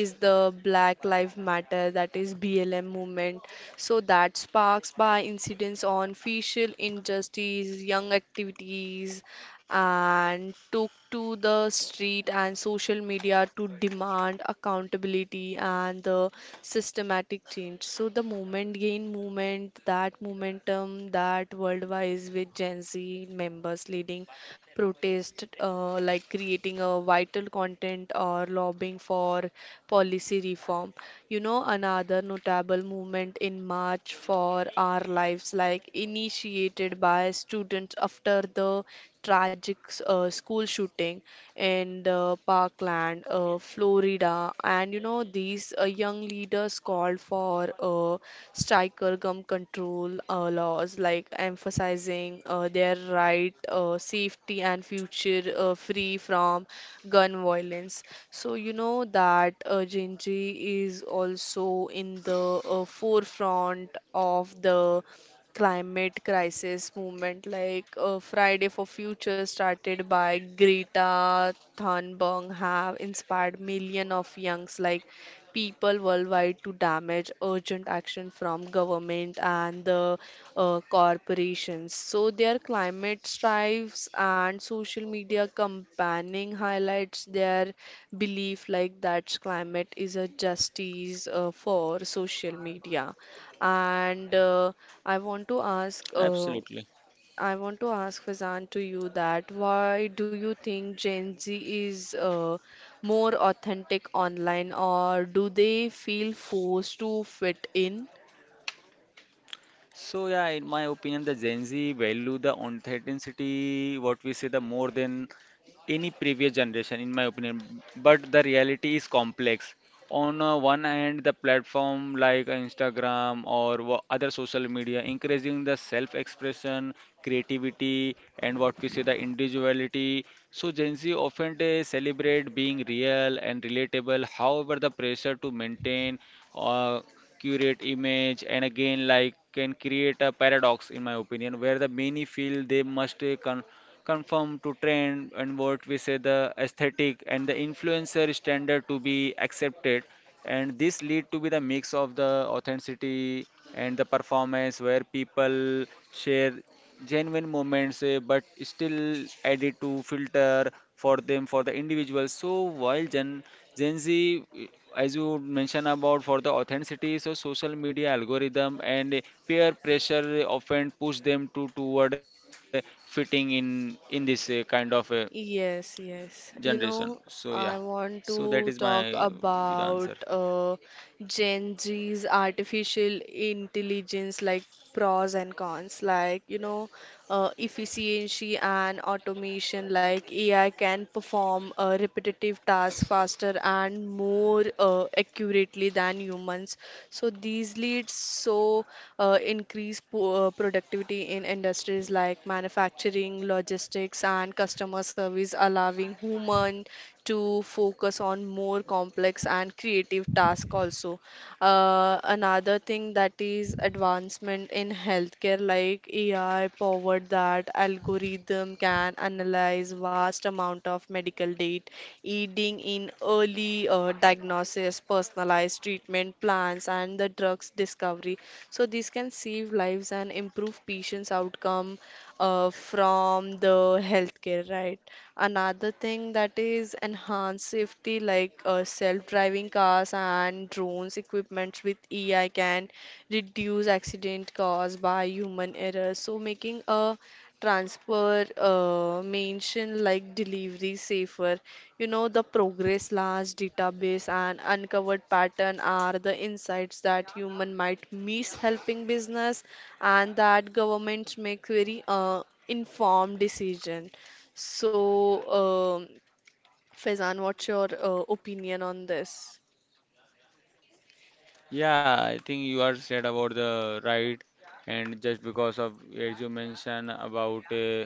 is the Black Lives Matter, that is B L M movement. So that sparks by incidents on facial injustice, young activities, and took to the street and social media to demand accountability and the systematic change. So the moment gain movement, that momentum, that worldwide with Gen Z members leading protest, uh, like creating a vital content or lobbying for policy reform. You know, another notable movement in March for Our Lives, like initiated by students after the tragic uh, school shooting in the Parkland, uh, Florida, and you know these uh, young leaders called for uh, striker gun control uh, laws, like emphasizing uh, their right, uh, safety, and future uh, free from gun violence. So, you know that uh, Genji is also in the uh, forefront of the climate crisis movement like uh, Friday for Future started by Greta Thunberg have inspired millions of youngs like people worldwide to damage urgent action from government and the uh, corporations. So their climate strives and social media campaigning highlights their belief like that climate is a justice uh, for social media. And uh, I want to ask.
Absolutely.
Uh, I want to ask Fazan to you that why do you think Gen Z is uh, more authentic online or do they feel forced to fit in?
So yeah, in my opinion, the Gen Z value the authenticity, what we say, the more than any previous generation in my opinion, but the reality is complex. On uh, one hand the platform like Instagram or wha- other social media encouraging the self expression creativity and what we say the individuality, so Gen Z often they celebrate being real and relatable. However, the pressure to maintain uh, curate image and again like can create a paradox in my opinion, where the many feel they must uh, con- conform to trend and what we say the aesthetic and the influencer standard to be accepted, and this lead to be the mix of the authenticity and the performance where people share genuine moments, eh, but still added to filter for them for the individual. So while Gen Gen Z, eh, as you mentioned about for the authenticity, so social media algorithm and eh, peer pressure often push them to toward eh, fitting in in this eh, kind of eh,
Yes, yes. You
generation.
know,
So yeah,
I
so
want
that is my
to talk
uh, the answer.
about uh, Gen Z's artificial intelligence, like pros and cons, like you know, uh, efficiency and automation, like A I can perform uh, repetitive tasks faster and more uh, accurately than humans. So these leads so uh, increase po- uh, productivity in industries like manufacturing, logistics, and customer service, allowing human to focus on more complex and creative tasks also. Uh, another thing that is advancement in healthcare like A I powered that algorithm can analyze vast amount of medical data aiding in early uh, diagnosis personalized treatment plans, and the drugs discovery. So these can save lives and improve patients' outcome uh, from the healthcare, right? Another thing that is enhanced safety, like uh, self-driving cars and drones equipment with A I can reduce accident caused by human error. So making a transfer uh, mention like delivery safer. You know, the progress large database and uncovered pattern are the insights that human might miss helping business and that governments make very uh, informed decision. So, um, Faizan, what's your uh, opinion on this?
Yeah, I think you are said about the right, and just because of as you mentioned about uh,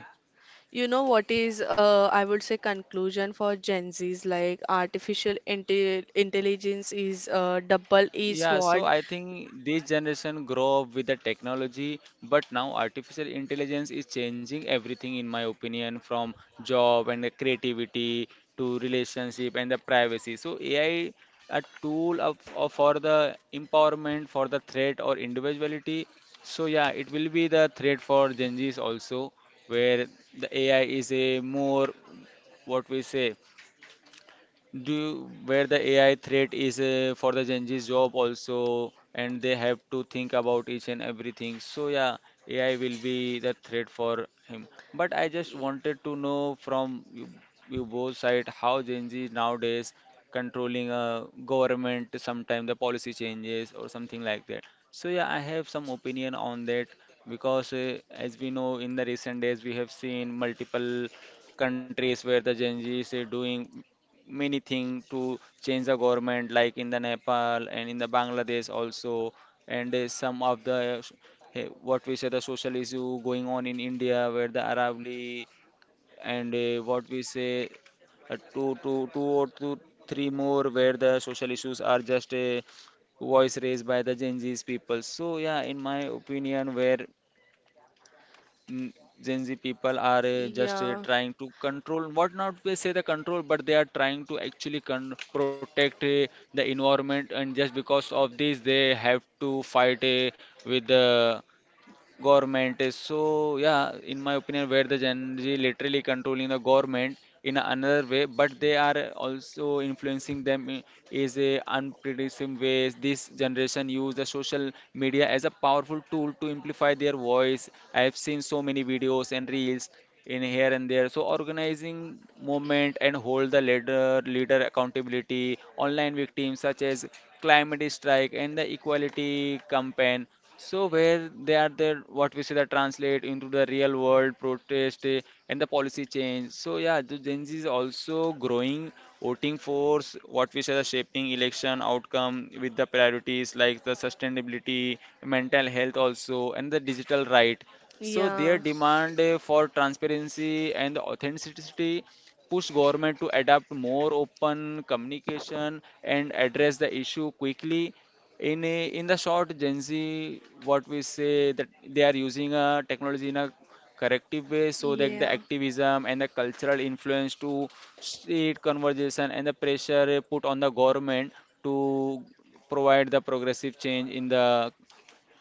You know what is, uh, I would say, conclusion for Gen Z's like artificial inte intelligence is a double-edged
yeah, so
sword.
I think this generation grow up with the technology, but now artificial intelligence is changing everything in my opinion, from job and the creativity to relationship and the privacy. So A I a tool of, of for the empowerment, for the threat or individuality. So yeah, it will be the threat for Gen Zs also, where the A I is a more what we say. Do you, where the A I threat is uh, for the Gen Z's job also, and they have to think about each and everything. So yeah, A I will be the threat for him. But I just
Y-
wanted to know from you, you both side how Gen Z nowadays controlling a government, sometimes the policy changes or something like that. So yeah, I have some opinion on that because uh, as we know, in the recent days we have seen multiple countries where the Gen Z is uh, doing many thing to change the government, like in the Nepal and in the Bangladesh also, and there's some of the s- eh, what we say the social issue going on in India where the Arab and eh, what we say uh, two, two, two or two, three more where the social issues are just a voice raised by the Gen Z's people. So yeah, in my opinion, where mm, Gen Z people are uh, just uh,
Yeah,
trying to control, what not they say the control, but they are trying to actually con protect uh, the environment, and just because of this, they have to fight uh, with the government is. So yeah, in my opinion, where the Gen Z literally controlling the government in another way, but they are also influencing them i- is a unpredictable ways. This generation use the social media as a powerful tool to amplify their voice. I have seen so many videos and reels in here and there, so organizing movement and hold the leader leader accountability online victims such as climate strike and the equality campaign. So where they are there, what we say that translate into the real world protest eh, and the policy change. So yeah, the Gen Z is also growing voting force. What we say the shaping election outcome with the priorities like the sustainability, mental health also, and the digital right. So their
yeah,
demand eh, for transparency and the authenticity push government to adapt more open communication and address the issue quickly in a, in the short, Gen Z, what we say that they are using a technology in a corrective way so that the
yeah.
activism and the cultural influence to street conversation and the pressure eh, put on the government to provide the progressive change in the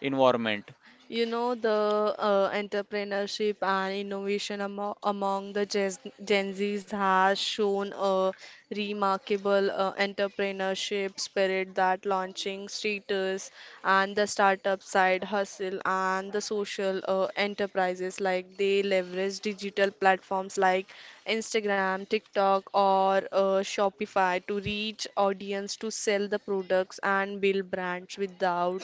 environment.
You know, the uh, entrepreneurship and innovation amo among the Gen Gen Zs has shown a remarkable uh, entrepreneurship spirit that launching status and the startup side hustle and the social uh, enterprises like they leverage digital platforms like Instagram, TikTok, or uh, Shopify to reach audience to sell the products and build brands with without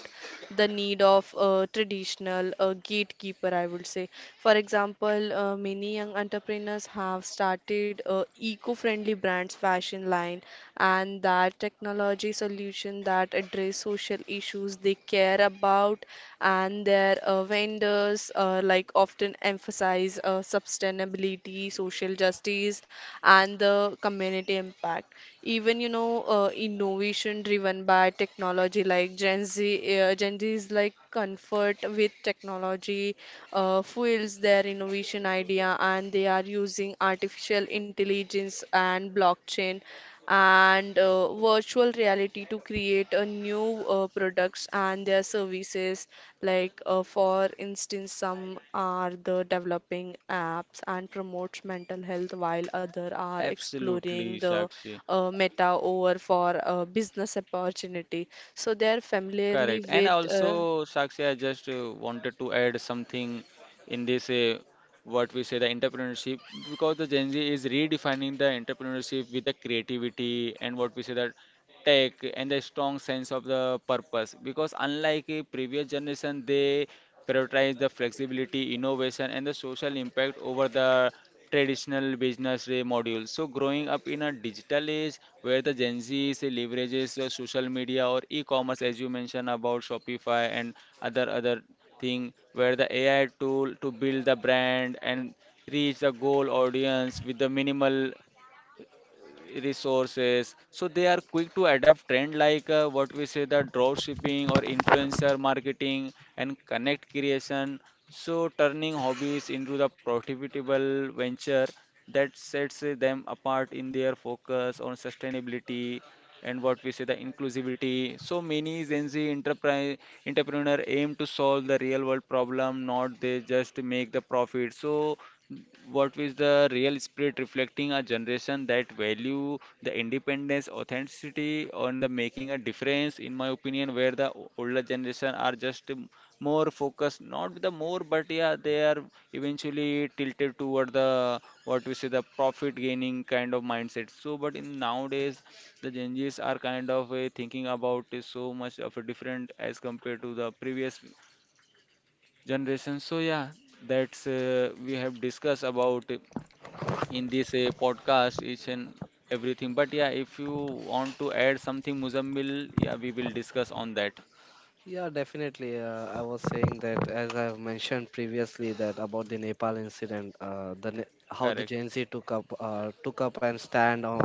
the need of a traditional uh, gatekeeper, I would say. For example, uh, many young entrepreneurs have started uh, eco-friendly brands, fashion line, and that technology solution that address social issues they care about, and their uh, vendors uh, like often emphasize uh, sustainability, social justice, and the community impact. Even you know, uh, innovation generation driven by technology like Gen Z, uh, Gen Z is like comfort with technology uh, fuels their innovation idea, and they are using artificial intelligence and blockchain and uh, virtual reality to create a new uh, products and their services like uh, for instance some are the developing apps and promotes mental health while other are
Absolutely,
exploring the
Sakshi.
uh, Meta over for a business opportunity. So they are
Correct.
familiarly
And
with. Uh,
also, Sakshi, I just uh, wanted to add something in this uh, what we say the entrepreneurship, because the Gen Z is redefining the entrepreneurship with the creativity and what we say that tech and the strong sense of the purpose, because unlike a previous generation, they prioritize the flexibility, innovation, and the social impact over the traditional business day module. So, growing up in a digital age where the Gen Z say, leverages uh, social media or e-commerce, as you mentioned about Shopify and other other thing, where the A I tool to build the brand and reach the goal audience with the minimal resources. So they are quick to adapt trend like uh, what we say the drop shipping or influencer marketing and connect creation, so turning hobbies into the profitable venture. That sets uh, them apart in their focus on sustainability and what we say the inclusivity, so many Gen Z enterprise entrepreneur aim to solve the real world problem, not they just make the profit. So what is the real spirit reflecting a generation that value the independence authenticity on the making a difference. In my opinion, where the o- older generation are just m- more focused, not the more, but yeah, they are eventually tilted toward the what we say the profit gaining kind of mindset. So but in nowadays, the Gen Z's are kind of uh, thinking about is so much of a different as compared to the previous generation. So yeah, that's uh, we have discussed about in this uh, podcast, each and everything. But yeah, if you want to add something, Muzammil, yeah, we will discuss on that.
Yeah, definitely. Uh, I was saying that as I've mentioned previously that about the Nepal incident, uh, the Ne- how the
Correct,
Gen Z took up uh, took up and stand on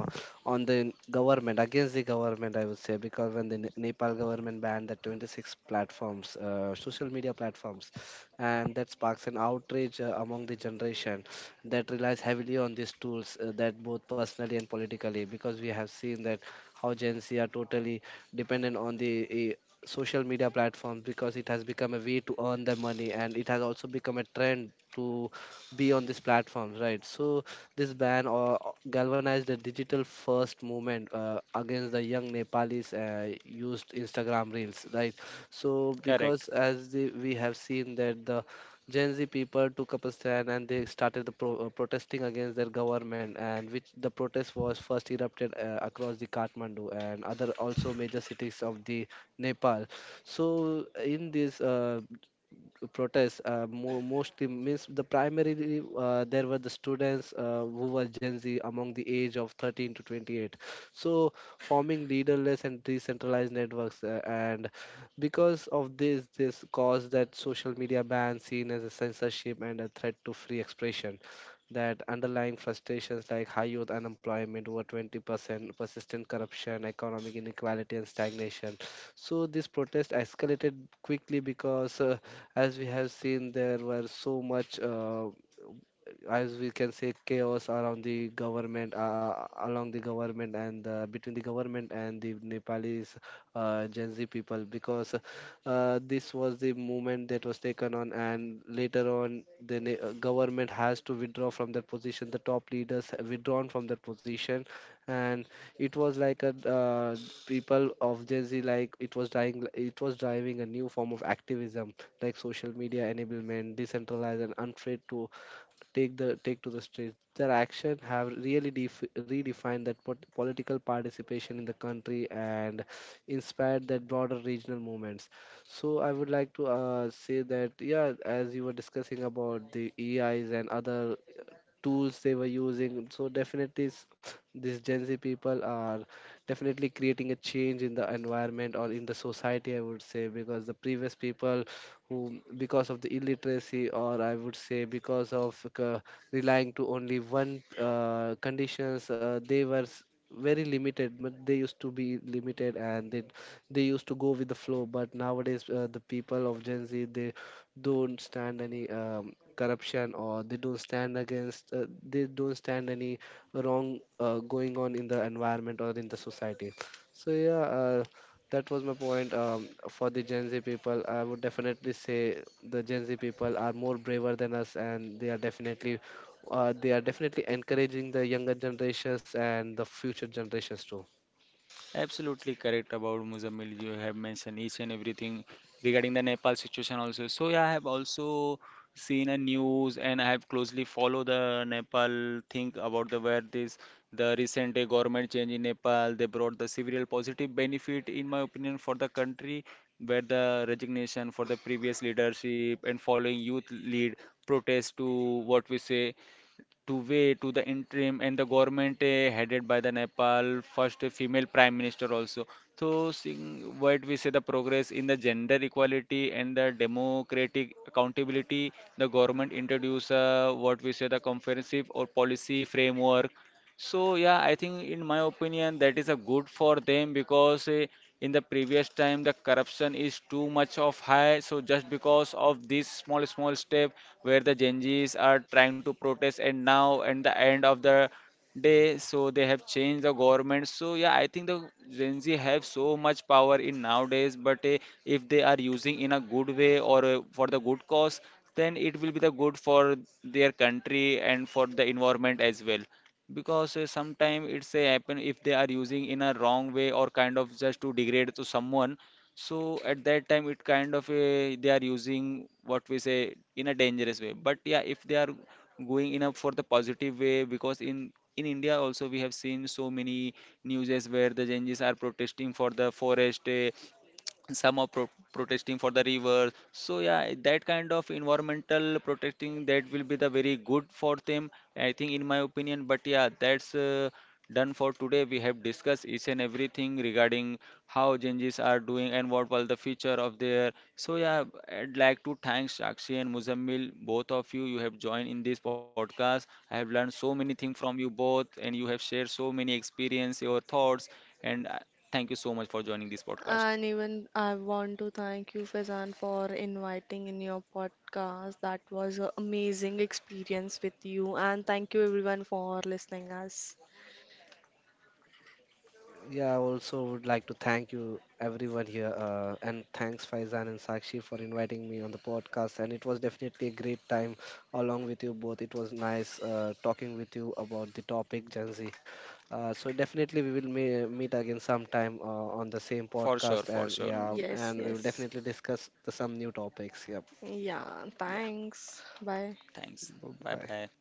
on the government against the government. I would say because when the Ne- Nepal government banned the twenty-six platforms, uh, social media platforms, and that sparks an outrage uh, among the generation that relies heavily on these tools, uh, that both personally and politically, because we have seen that how Gen Z are totally dependent on the e, social media platforms, because it has become a way to earn the money and it has also become a trend to be on these platforms, right? So this ban or galvanized the digital first movement uh, against the young Nepalis uh, used Instagram reels, right? So
correct.
because as the, we have seen that the Gen Z people took up a stand and they started the pro- uh, protesting against their government, and which the protest was first erupted uh, across the Kathmandu and other also major cities of the Nepal. So in this uh, protest, uh, mo- mostly means the primary, uh, there were the students uh, who were Gen Z among the age of thirteen to twenty-eight. So forming leaderless and decentralized networks, uh, and because of this, this caused that social media ban seen as a censorship and a threat to free expression, that underlying frustrations like high youth unemployment, over twenty percent, persistent corruption, economic inequality, and stagnation. So this protest escalated quickly because, uh, as we have seen, there were so much. Uh, as we can say, chaos around the government uh, uh, along the government and uh, between the government and the Nepalese uh, Gen Z people, because uh, this was the movement that was taken on, and later on the ne- uh, government has to withdraw from that position. The top leaders have withdrawn from that position, and it was like a uh, people of Gen Z, like it was dying, it was driving a new form of activism, like social media enablement, decentralized and untraceable, take the take to the streets. Their action have really def- redefined that pot- political participation in the country and inspired that broader regional movements. So I would like to uh, say that yeah, as you were discussing about the E Is and other tools they were using. So definitely, s- these Gen Z people are definitely creating a change in the environment or in the society. I would say because the previous people who, because of the illiteracy, or I would say because of uh, relying to only one uh, conditions, uh, they were s- very limited, but they used to be limited and they they used to go with the flow. But nowadays uh, the people of Gen Z, they don't stand any um, corruption, or they don't stand against uh, they don't stand any wrong uh, going on in the environment or in the society. So yeah, uh, that was my point, um, for the Gen Z people. I would definitely say the Gen Z people are more braver than us, and they are definitely uh, they are definitely encouraging the younger generations and the future generations too.
Absolutely correct about Muzammil. You have mentioned each and everything regarding the Nepal situation also. So yeah, I have also seen a news and I have closely followed the Nepal thing about the where this the recent uh, government change in Nepal. They brought the several positive benefit in my opinion for the country, where the resignation for the previous leadership and following youth lead protest to, what we say, to way to the interim and the government eh, headed by the Nepal first female prime minister also. So seeing what we say the progress in the gender equality and the democratic accountability, the government introduce uh, what we say the comprehensive or policy framework. So yeah, I think in my opinion that is a good for them, because eh, in the previous time the corruption is too much of high. So just because of this small small step where the Genjis are trying to protest, and now at the end of the day, so they have changed the government. So yeah, I think the Gen Z have so much power in nowadays, but eh, if they are using in a good way, or eh, for the good cause, then it will be the good for their country and for the environment as well, because uh, sometimes it's a happen if they are using in a wrong way or kind of just to degrade to someone. So at that time it kind of a, they are using what we say in a dangerous way. But yeah, if they are going in a for the positive way, because in in India also we have seen so many newses where the Genjis are protesting for the forest, uh, some are pro- protesting for the river. So yeah, that kind of environmental protesting, that will be the very good for them, I think, in my opinion. But yeah, that's uh, done for today. We have discussed each and everything regarding how changes are doing and what will the future of their. So yeah, I'd like to thank Sakshi and Muzammil, both of you, you have joined in this podcast. I have learned so many things from you both, and you have shared so many experience, your thoughts, and uh, thank you so much for joining this podcast.
And even I want to thank you, Faizan, for inviting in your podcast. That was an amazing experience with you, and thank you everyone for listening us.
Yeah, I also would like to thank you, everyone here, uh, and thanks Faizan and Sakshi for inviting me on the podcast. And it was definitely a great time along with you both. It was nice uh, talking with you about the topic Gen Z. Uh, so definitely we will me- meet again sometime uh, on the same
For sure,
podcast,
for
and
sure.
yeah,
Yes,
and we will
yes.
definitely discuss the, some new topics. Yep.
Yeah,
Yeah,
thanks. Bye.
thanks. Bye
Bye.
bye.